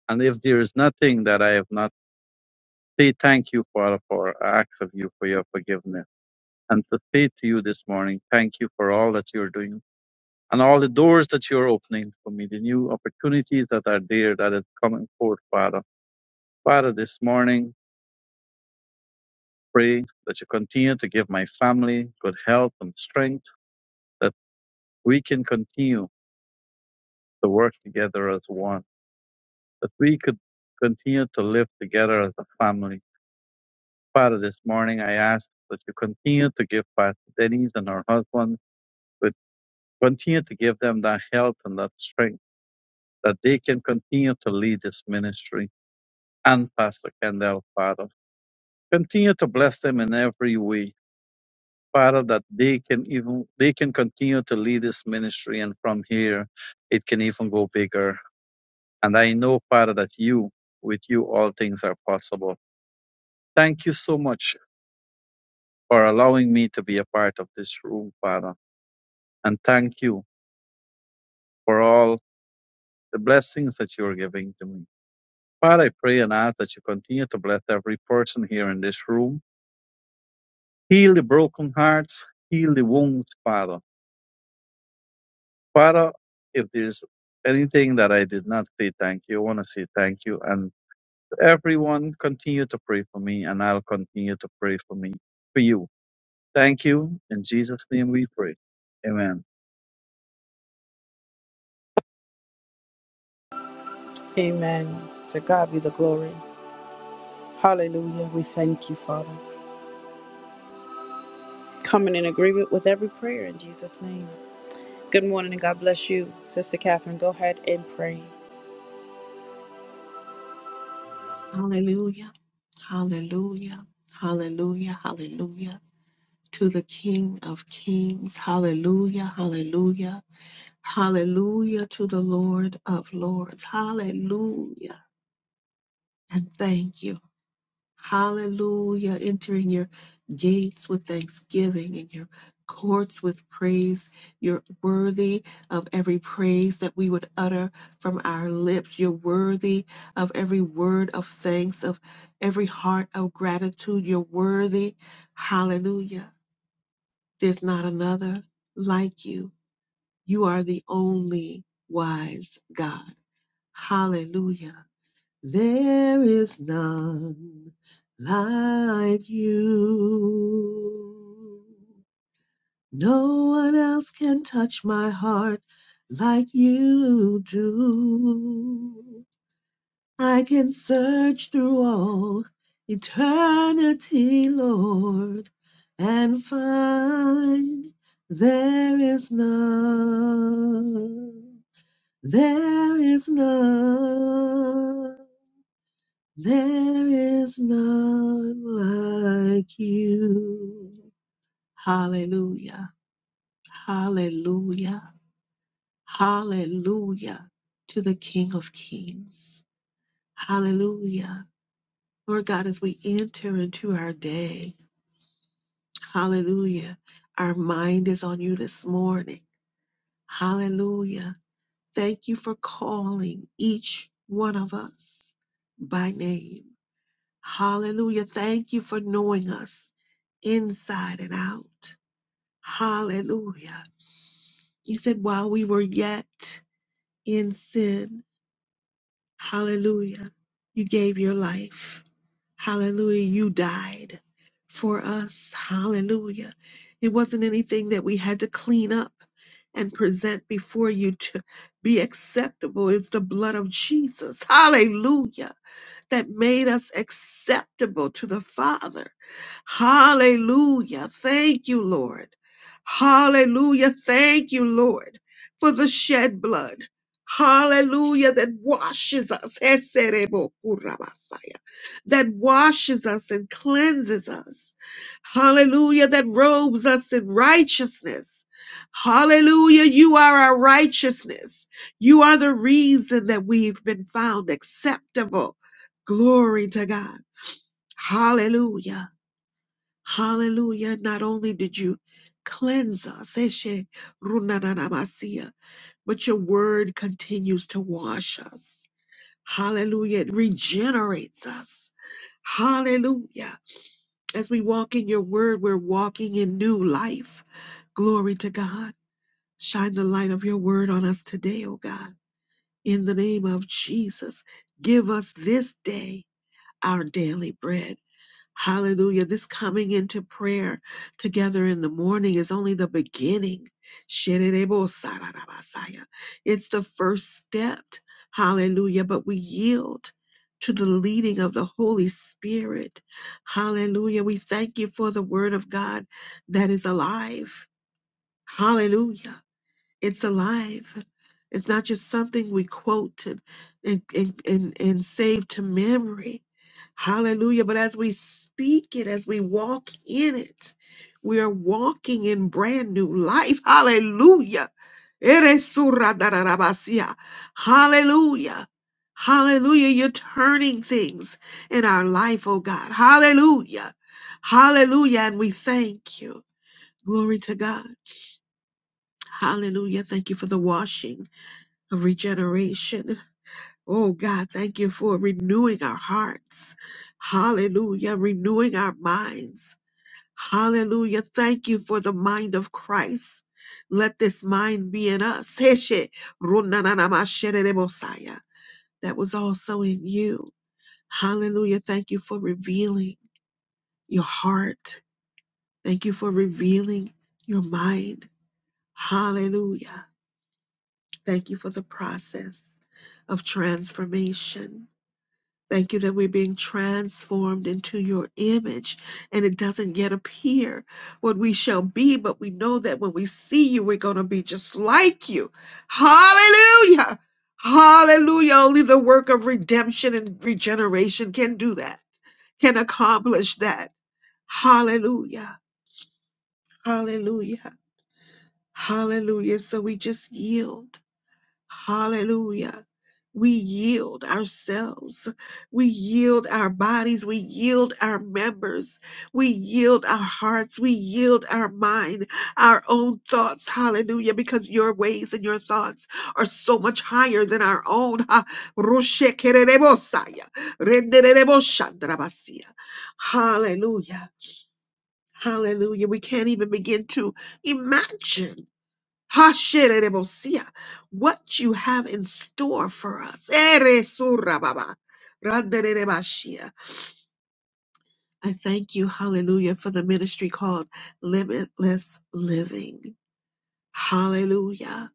And if there is nothing that I have not, say thank you, Father, for I ask of you for your forgiveness. And to say to you this morning, thank you for all that you're doing and all the doors that you're opening for me, the new opportunities that are there that is coming forth, Father. Father, this morning, pray that you continue to give my family good health and strength, that we can continue to work together as one, that we could continue to live together as a family. Father, this morning I ask that you continue to give Pastor Denise and her husband, but continue to give them that health and that strength, that they can continue to lead this ministry. And Pastor Kendall, Father, continue to bless them in every way. Father, that they can even they can continue to lead this ministry, and from here, it can even go bigger. And I know, Father, that you, with you, all things are possible. Thank you so much for allowing me to be a part of this room, Father. And thank you for all the blessings that you are giving to me. Father, I pray and ask that you continue to bless every person here in this room. Heal the broken hearts, heal the wounds, Father. Father, if there's anything that I did not say thank you, I want to say thank you. And everyone, continue to pray for me, and I'll continue to pray for me, for you. Thank you. In Jesus' name we pray. Amen.
Amen. To God be the glory. Hallelujah. We thank you, Father. Coming in agreement with every prayer in Jesus' name. Good morning and God bless you, Sister Catherine. Go ahead and pray.
Hallelujah. Hallelujah. Hallelujah. Hallelujah. To the King of Kings. Hallelujah. Hallelujah. Hallelujah to the Lord of Lords. Hallelujah. And thank you. Hallelujah. Entering your gates with thanksgiving and your courts with praise. You're worthy of every praise that we would utter from our lips. You're worthy of every word of thanks, of every heart of gratitude. You're worthy. Hallelujah. There's not another like you. You are the only wise God. Hallelujah. There is none like you. No one else can touch my heart like you do. I can search through all eternity, Lord, and find there is none. There is none. There is none like you. Hallelujah. Hallelujah. Hallelujah to the King of Kings. Hallelujah. Lord God, as we enter into our day, hallelujah. Our mind is on you this morning. Hallelujah. Thank you for calling each one of us by name. Hallelujah. Thank you for knowing us inside and out. Hallelujah. You said, while we were yet in sin, hallelujah, you gave your life. Hallelujah. You died for us. Hallelujah. It wasn't anything that we had to clean up and present before you to be acceptable. It's the blood of Jesus. Hallelujah. that made us acceptable to the Father. Hallelujah. Thank you, Lord. Hallelujah. Thank you, Lord, for the shed blood. Hallelujah, that washes us. Eserebokurabasaya, That washes us and cleanses us. Hallelujah, that robes us in righteousness. Hallelujah, you are our righteousness. You are the reason that we've been found acceptable. Glory to God. Hallelujah. Hallelujah. Not only did you cleanse us, eshe runanamasia, but your word continues to wash us. Hallelujah. It regenerates us. Hallelujah. As we walk in your word, we're walking in new life. Glory to God. Shine the light of your word on us today, O God. In the name of Jesus, give us this day our daily bread. Hallelujah. This coming into prayer together in the morning is only the beginning. Shirerebo-sararabasaya. It's the first step. Hallelujah. But we yield to the leading of the Holy Spirit. Hallelujah. We thank you for the word of God that is alive. Hallelujah. It's alive. It's not just something we quote and, and, and, and, and save to memory. Hallelujah. But as we speak it, as we walk in it, we are walking in brand new life. Hallelujah. Eres surra dararabasia. Hallelujah. Hallelujah. You're turning things in our life, oh God. Hallelujah. Hallelujah. And we thank you. Glory to God. Hallelujah. Thank you for the washing of regeneration. Oh God, thank you for renewing our hearts. Hallelujah. Renewing our minds. Hallelujah. Thank you for the mind of Christ. Let this mind be in us. Heshe runananamasherere That was also in you. Hallelujah. Thank you for revealing your heart. Thank you for revealing your mind. Hallelujah. Thank you for the process of transformation. Thank you that we're being transformed into your image and it doesn't yet appear what we shall be, but we know that when we see you, we're going to be just like you. Hallelujah! Hallelujah! Only the work of redemption and regeneration can do that, can accomplish that. Hallelujah! Hallelujah! Hallelujah. So we just yield. Hallelujah. We yield ourselves. We yield our bodies. We yield our members. We yield our hearts. We yield our mind, our own thoughts. Hallelujah. Because your ways and your thoughts are so much higher than our own. Ha- Roshekererebosaya, renderereboshandrabasia. Hallelujah. Hallelujah. We can't even begin to imagine Hasherebosia, what you have in store for us. Eresurababa, randererebashia. I thank you, hallelujah, for the ministry called Limitless Living. Hallelujah,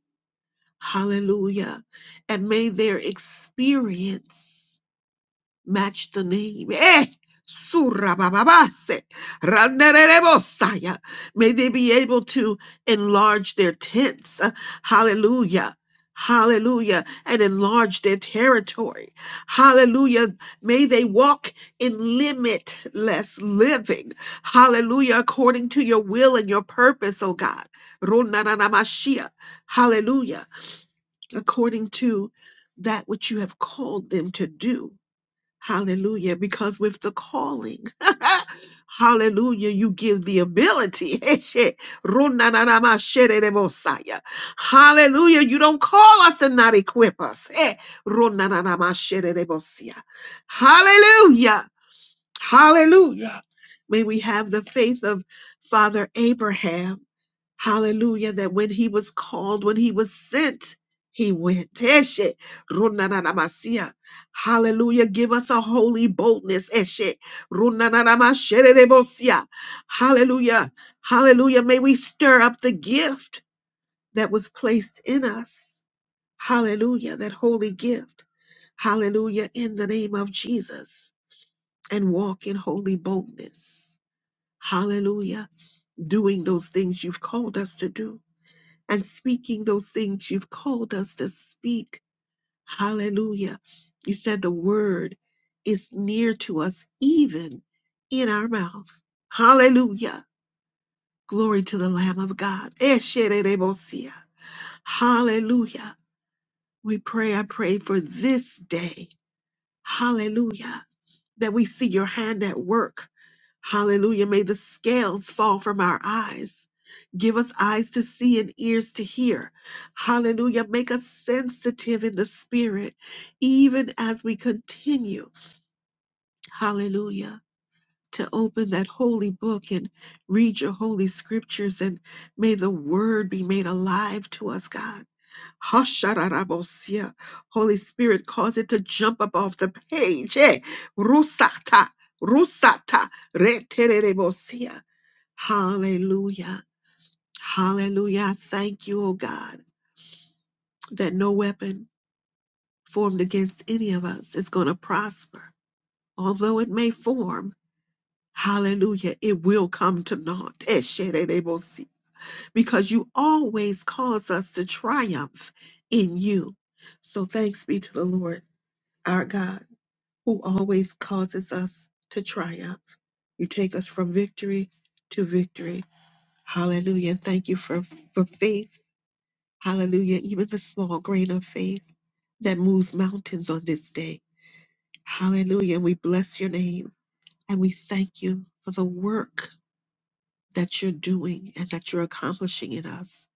hallelujah. And may their experience match the name. Eh, surabababase, randererebosaya. May they be able to enlarge their tents. Uh, Hallelujah. Hallelujah. And enlarge their territory. Hallelujah. May they walk in limitless living. Hallelujah. According to your will and your purpose, oh God. Ronanamashia. Hallelujah. According to that which you have called them to do. Hallelujah. Because with the calling, hallelujah, you give the ability. Eshe, runanarama, shereremosaya. Hallelujah. You don't call us and not equip us. Eh, runanarama, shereremosia. Hallelujah. Hallelujah. May we have the faith of Father Abraham. Hallelujah. That when he was called, when he was sent, he went. Eshe, runananamasia. Hallelujah. Give us a holy boldness. Eshe, runananamasherebosia. Hallelujah. Hallelujah. May we stir up the gift that was placed in us. Hallelujah. That holy gift. Hallelujah. In the name of Jesus. And walk in holy boldness. Hallelujah. Doing those things you've called us to do and speaking those things you've called us to speak. Hallelujah. You said the word is near to us, even in our mouths. Hallelujah. Glory to the Lamb of God. Esherebosia. Hallelujah. We pray, I pray for this day. Hallelujah. That we see your hand at work Hallelujah. May the scales fall from our eyes. Give us eyes to see and ears to hear. Hallelujah. Make us sensitive in the spirit, even as we continue. Hallelujah. To open that holy book and read your holy scriptures, and may the word be made alive to us, God. Hasharabosia. Holy Spirit, cause it to jump up off the page. Eh? Rusata, rusata, reterebosia. Hallelujah. Hallelujah. I Thank you, oh God, that no weapon formed against any of us is going to prosper. Although it may form, hallelujah, it will come to naught. Esherebosi. Because you always cause us to triumph in you. So thanks be to the Lord, our God, who always causes us to triumph. You take us from victory to victory. Hallelujah. And Thank you for, for faith Hallelujah. Even the small grain of faith that moves mountains on this day. Hallelujah. And we bless your name and we thank you for the work that you're doing and that you're accomplishing in us.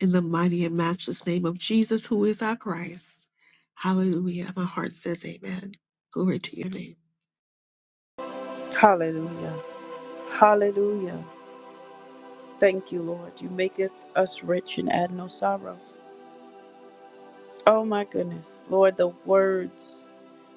In the mighty and matchless name of Jesus, who is our Christ. Hallelujah. My heart says amen. Glory to your name.
Hallelujah. Hallelujah. Thank you, Lord. You maketh us rich and add no sorrow. Oh my goodness. Lord, the words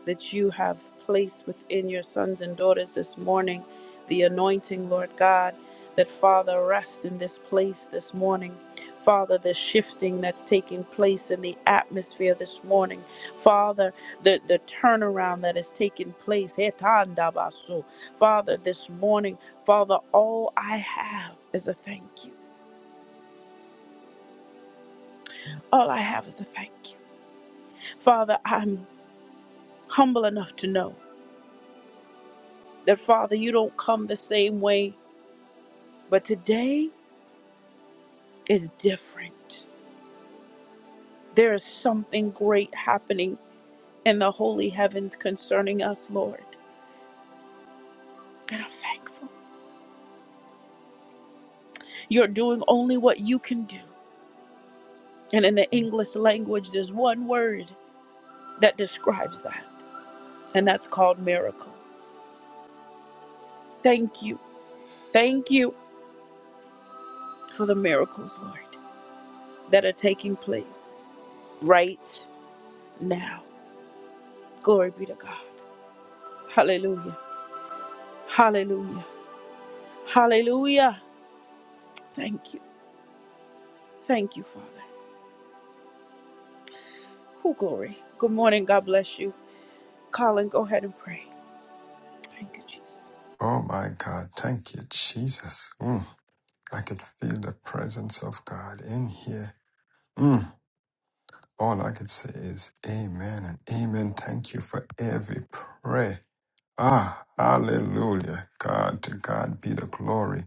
that you have placed within your sons and daughters this morning, the anointing, Lord God, that Father, rest in this place this morning. Father, the shifting that's taking place in the atmosphere this morning. Father, the, the turnaround that is taking place. Hetandabasu. Father, this morning, Father, all I have is a thank you. All I have is a thank you. Father, I'm humble enough to know that, Father, you don't come the same way But today is different. There is something great happening in the holy heavens concerning us, Lord. And I'm thankful. You're doing only what you can do. And in the English language, there's one word that describes that, and that's called miracle. Thank you. Thank you for the miracles, Lord, that are taking place right now. Glory be to God. Hallelujah. Hallelujah. Hallelujah. Thank you. Thank you, Father. Oh, glory. Good morning. God bless you. Colin, go ahead and pray. Thank you, Jesus.
Oh my God, thank you, Jesus. Mm. I could feel the presence of God in here. Mm. All I could say is amen and amen. Thank you for every prayer. Ah, hallelujah. God, to God be the glory.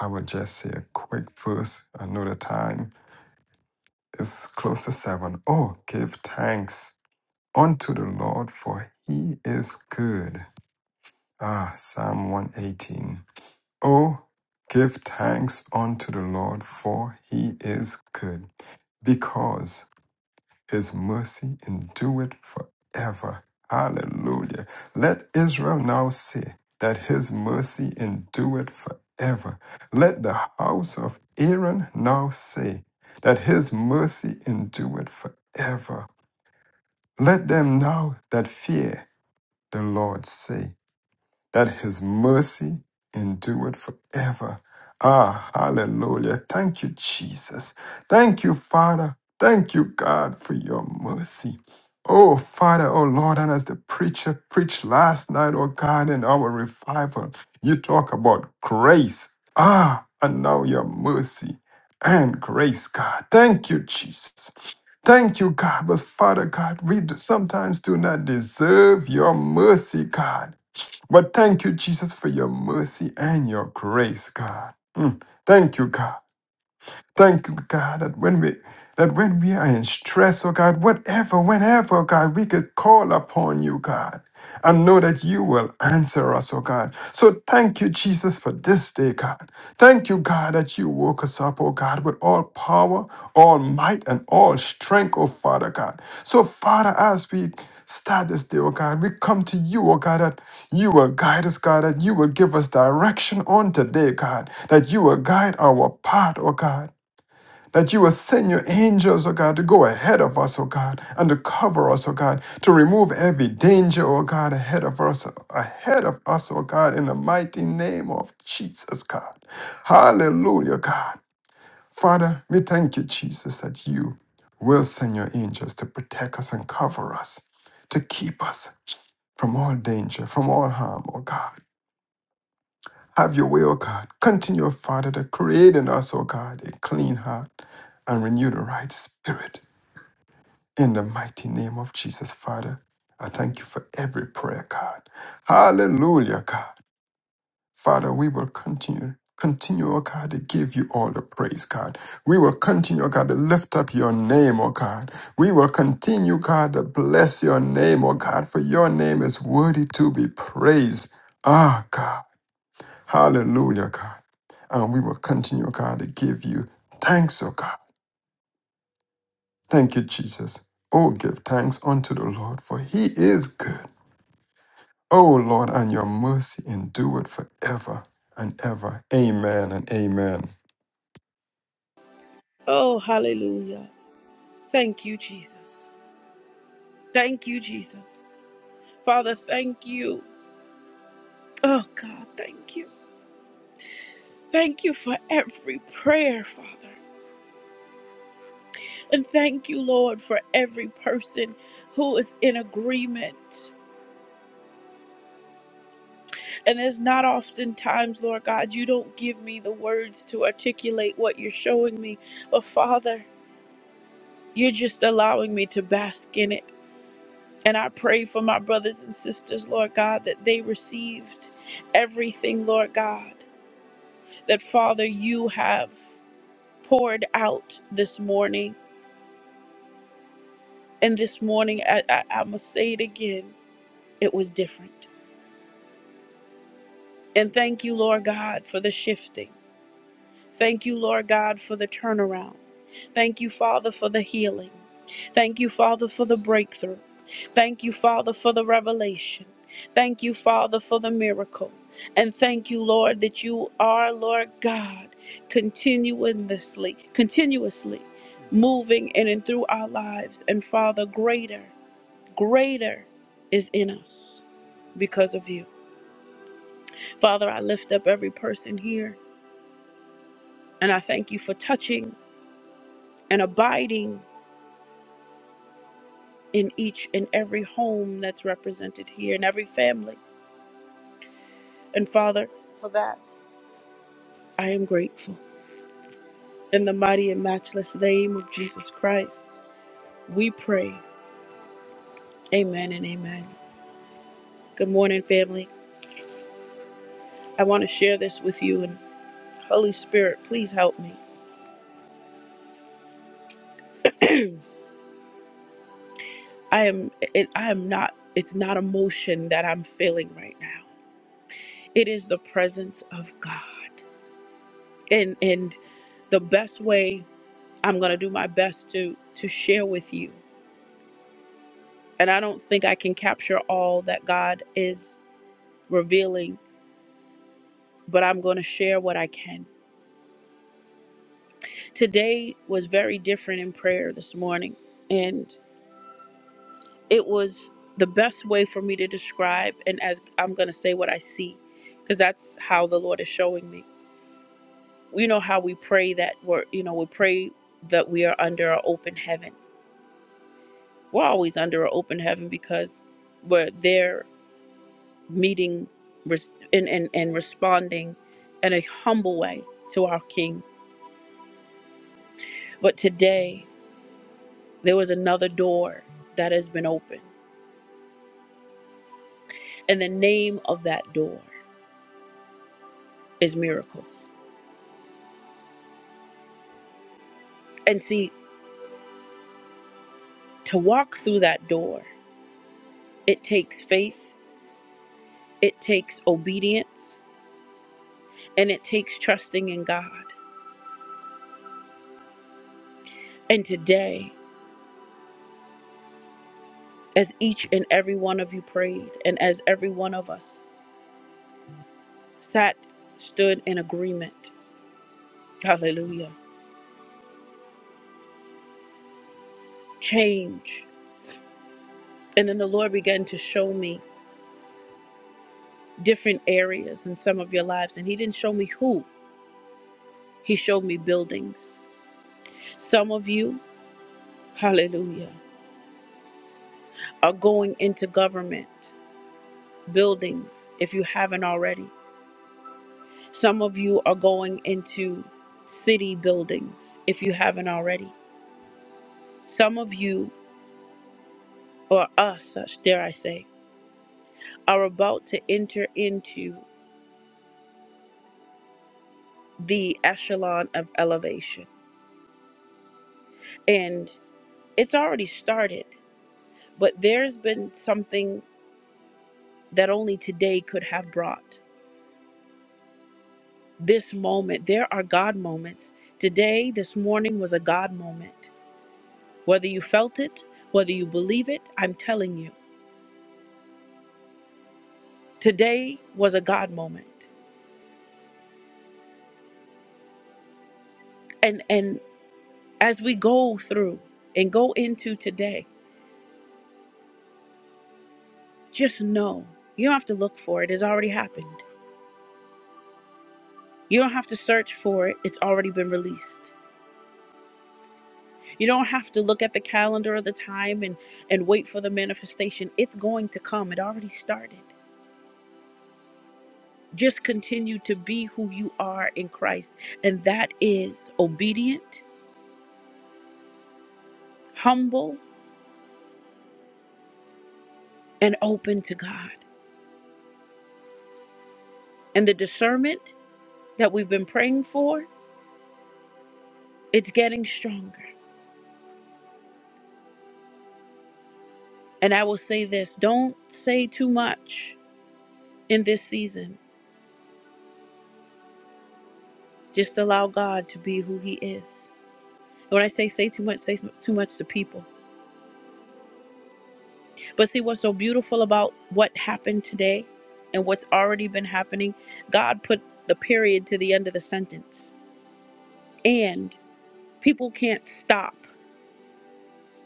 I would just say a quick verse. I know the time is close to seven. Oh, give thanks unto the Lord, for he is good. Ah, Psalm 118. Oh, give thanks unto the Lord, for he is good, because his mercy endureth forever. Hallelujah. Let Israel now say that his mercy endureth forever. Let the house of Aaron now say that his mercy endureth forever. Let them now that fear the Lord say, that his mercy endureth forever. Ah, hallelujah. Thank you, Jesus. Thank you, Father. Thank you, God, for your mercy. Oh, Father, oh Lord, and as the preacher preached last night, oh God, in our revival, you talk about grace. Ah, and now your mercy and grace, God. Thank you, Jesus. Thank you, God. But Father God, we do- sometimes do not deserve your mercy, God. But thank you, Jesus, for your mercy and your grace, God. Mm. Thank you, God. Thank you, God, that when we that when we are in stress, oh God, whatever, whenever, oh God, we could call upon you, God, and know that you will answer us, oh God. So thank you, Jesus, for this day, God. Thank you, God, that you woke us up, oh God, with all power, all might, and all strength, oh Father God. So, Father, as we start this day, oh God, we come to you, oh God, that you will guide us, God, that you will give us direction on today, God, that you will guide our path, oh God. That you will send your angels, oh God, to go ahead of us, oh God, and to cover us, oh God, to remove every danger, oh God, ahead of us, ahead of us, oh God, in the mighty name of Jesus, God. Hallelujah, God. Father, we thank you, Jesus, that you will send your angels to protect us and cover us, to keep us from all danger, from all harm, oh God. Have your way, O God. Continue, O Father, to create in us, O God, a clean heart and renew the right spirit. In the mighty name of Jesus, Father, I thank you for every prayer, God. Hallelujah, God. Father, we will continue. Continue, O God, to give you all the praise, God. We will continue, O God, to lift up your name, O God. We will continue, God, to bless your name, O God, for your name is worthy to be praised. Ah, God. Hallelujah, God. And we will continue, God, to give you thanks, oh God. Thank you, Jesus. Oh, give thanks unto the Lord, for he is good. Oh, Lord, and your mercy endure it forever and ever. Amen and amen.
Oh, hallelujah. Thank you, Jesus. Thank you, Jesus. Father, thank you. Oh, God, thank you. Thank you for every prayer, Father. And thank you, Lord, for every person who is in agreement. And it's not oftentimes, Lord God, you don't give me the words to articulate what you're showing me. But, Father, you're just allowing me to bask in it. And I pray for my brothers and sisters, Lord God, that they received everything, Lord God, that Father, you have poured out this morning. And this morning, I, I, I must say it again, it was different. And thank you, Lord God, for the shifting. Thank you, Lord God, for the turnaround. Thank you, Father, for the healing. Thank you, Father, for the breakthrough. Thank you, Father, for the revelation. Thank you, Father, for the miracle. And thank you, Lord, that you are, Lord God, continuously, continuously moving in and through our lives. And Father, greater, greater is in us because of you. Father, I lift up every person here and I thank you for touching. and abiding in each and every home that's represented here in every family. And Father, for that, I am grateful. In the mighty and matchless name of Jesus Christ, we pray. Amen and amen. Good morning, family. I want to share this with you, and Holy Spirit, please help me. I am, it, I am not. It's not emotion that I'm feeling right now. It is the presence of God, and and the best way. I'm going to do my best to to share with you. And I don't think I can capture all that God is revealing, but I'm going to share what I can. Today was very different in prayer this morning, and it was the best way for me to describe and as I'm going to say what I see because that's how the Lord is showing me. You know how we pray that we're, you know, we pray that we are under an open heaven. We're always under an open heaven because we're there meeting res- and, and, and responding in a humble way to our King. But today, there was another door that has been opened. And the name of that door is miracles. And see, to walk through that door, it takes faith, it takes obedience, and it takes trusting in God. And today, as each and every one of you prayed, and as every one of us sat, stood in agreement, hallelujah, change And then the Lord began to show me different areas in some of your lives. And He didn't show me who, He showed me buildings. Some of you, hallelujah, are going into government buildings if you haven't already. Some of you are going into city buildings if you haven't already. Some of you, or us, dare I say, are about to enter into the echelon of elevation. And it's already started But there's been something that only today could have brought. This moment, there are God moments. Today, this morning was a God moment. Whether you felt it, whether you believe it, I'm telling you, today was a God moment. And and as we go through and go into today, just know you don't have to look for it. It's already happened. You don't have to search for it. It's already been released. You don't have to look at the calendar of the time and, and wait for the manifestation. It's going to come. It already started. Just continue to be who you are in Christ. And that is obedient, humble, and open to God. And the discernment that we've been praying for, it's getting stronger. And I will say this don't say too much in this season. Just allow God to be who He is. And when I say say too much, say too much to people But see what's so beautiful about what happened today and what's already been happening? God put the period to the end of the sentence. And people can't stop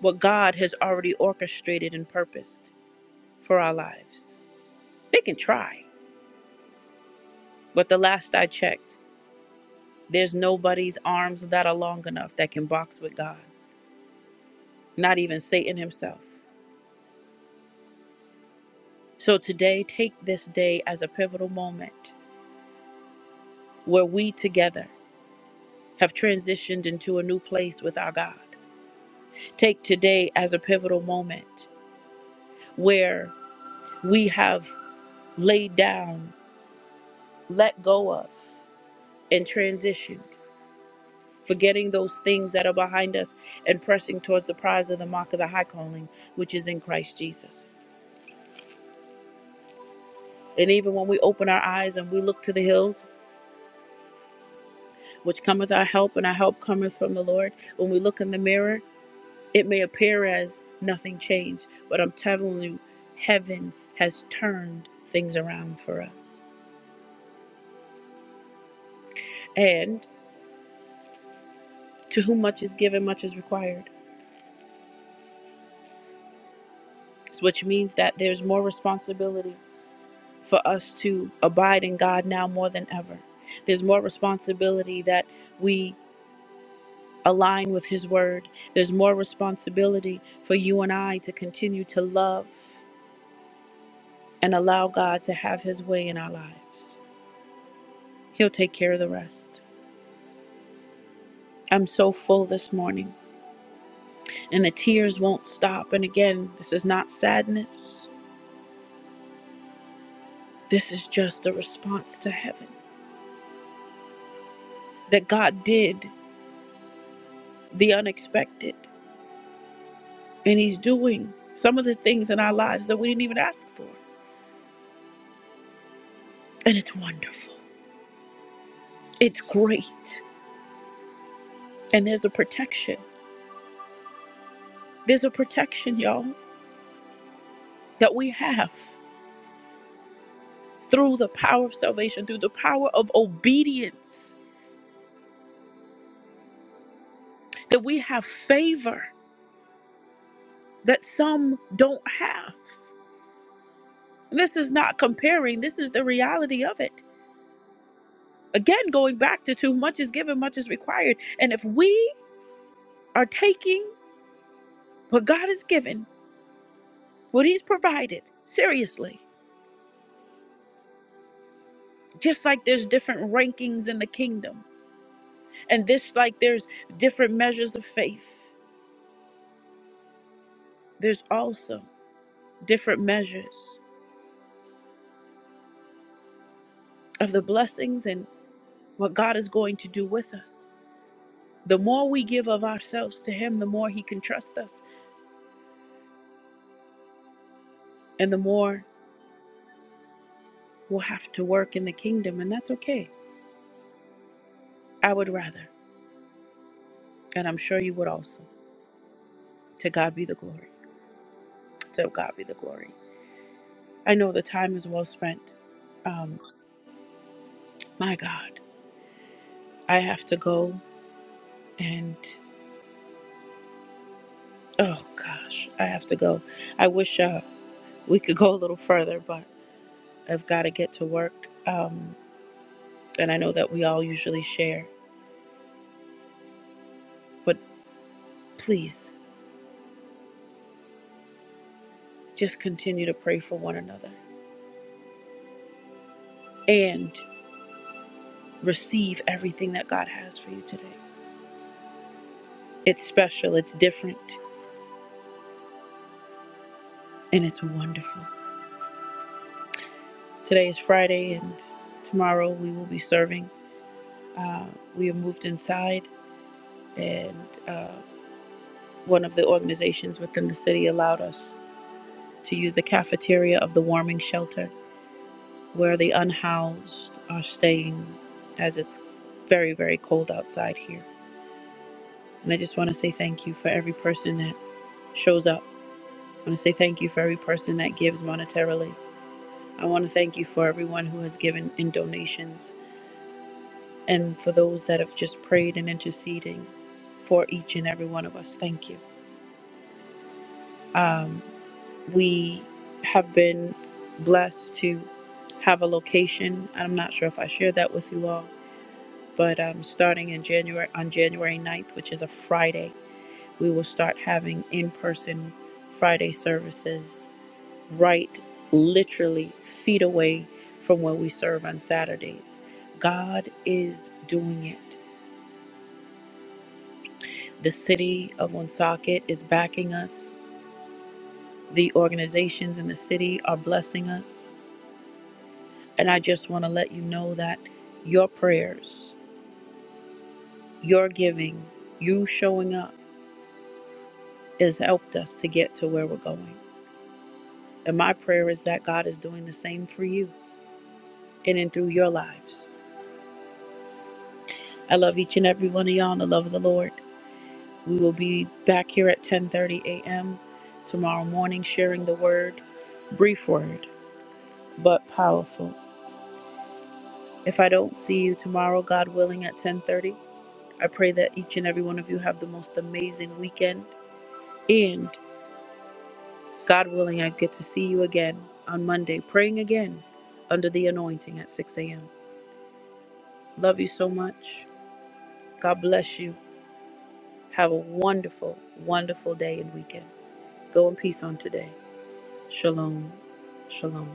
what God has already orchestrated and purposed for our lives. They can try, but the last I checked, there's nobody's arms that are long enough that can box with God, not even Satan himself. So today, take this day as a pivotal moment where we together have transitioned into a new place with our God Take today as a pivotal moment where we have laid down, let go of, and transitioned, forgetting those things that are behind us and pressing towards the prize of the mark of the high calling, which is in Christ Jesus. And even when we open our eyes and we look to the hills, which cometh our help, and our help cometh from the Lord, when we look in the mirror, it may appear as nothing changed, but I'm telling you, heaven has turned things around for us. And To whom much is given, much is required, which means that there's more responsibility for us to abide in God now more than ever. There's more responsibility that we align with His Word. There's more responsibility for you and I to continue to love and allow God to have His way in our lives. He'll take care of the rest. I'm so full this morning, and the tears won't stop. And again, this is not sadness, this is just a response to heaven that God did. the unexpected. And He's doing some of the things in our lives that we didn't even ask for. And it's wonderful, it's great. And there's a protection. There's a protection, y'all, that we have through the power of salvation, through the power of obedience, that we have favor that some don't have. And This is not comparing, this is the reality of it. Again, going back to too much is given, much is required. And if we are taking what God has given what he's provided. Seriously. Just like there's different rankings in the kingdom, and this like there's different measures of faith, there's also different measures of the blessings and what God is going to do with us. The more we give of ourselves to him, the more he can trust us, and the more we'll have to work in the kingdom, and that's okay. I would rather, and I'm sure you would also. To God be the glory. To God be the glory. I know the time is well spent. Um, my God. I have to go and oh gosh, I have to go. I wish uh, we could go a little further, but I've got to get to work. Um, and I know that we all usually share, but please just continue to pray for one another and receive everything that God has for you today. It's special, it's different, and it's wonderful. Today is Friday, and tomorrow we will be serving. Uh, we have moved inside, and uh, one of the organizations within the city allowed us to use the cafeteria of the warming shelter where the unhoused are staying as it's very, very cold outside here. And I just want to say thank you for every person that shows up. I want to say thank you for every person that gives monetarily. I want to thank you for everyone who has given in donations and for those that have just prayed and interceding for each and every one of us. Thank you. Um, we have been blessed to have a location. I'm not sure if I shared that with you all, but um, starting in January on January 9th, which is a Friday, we will start having in-person Friday services right literally feet away from where we serve on Saturdays. God is doing it. The city of Woonsocket is backing us. The organizations in the city are blessing us And I just want to let you know that your prayers, your giving, you showing up has helped us to get to where we're going. And my prayer is that God is doing the same for you in and through your lives. I love each and every one of y'all in the love of the Lord. We will be back here at 10:30 a.m. tomorrow morning sharing the word, brief word, but powerful. If I don't see you tomorrow, God willing at 10:30, I pray that each and every one of you have the most amazing weekend. and. God willing, I get to see you again on Monday, praying again under the anointing at 6 a.m. Love you so much. God bless you. Have a wonderful, wonderful day and weekend. Go in peace on today. Shalom. Shalom.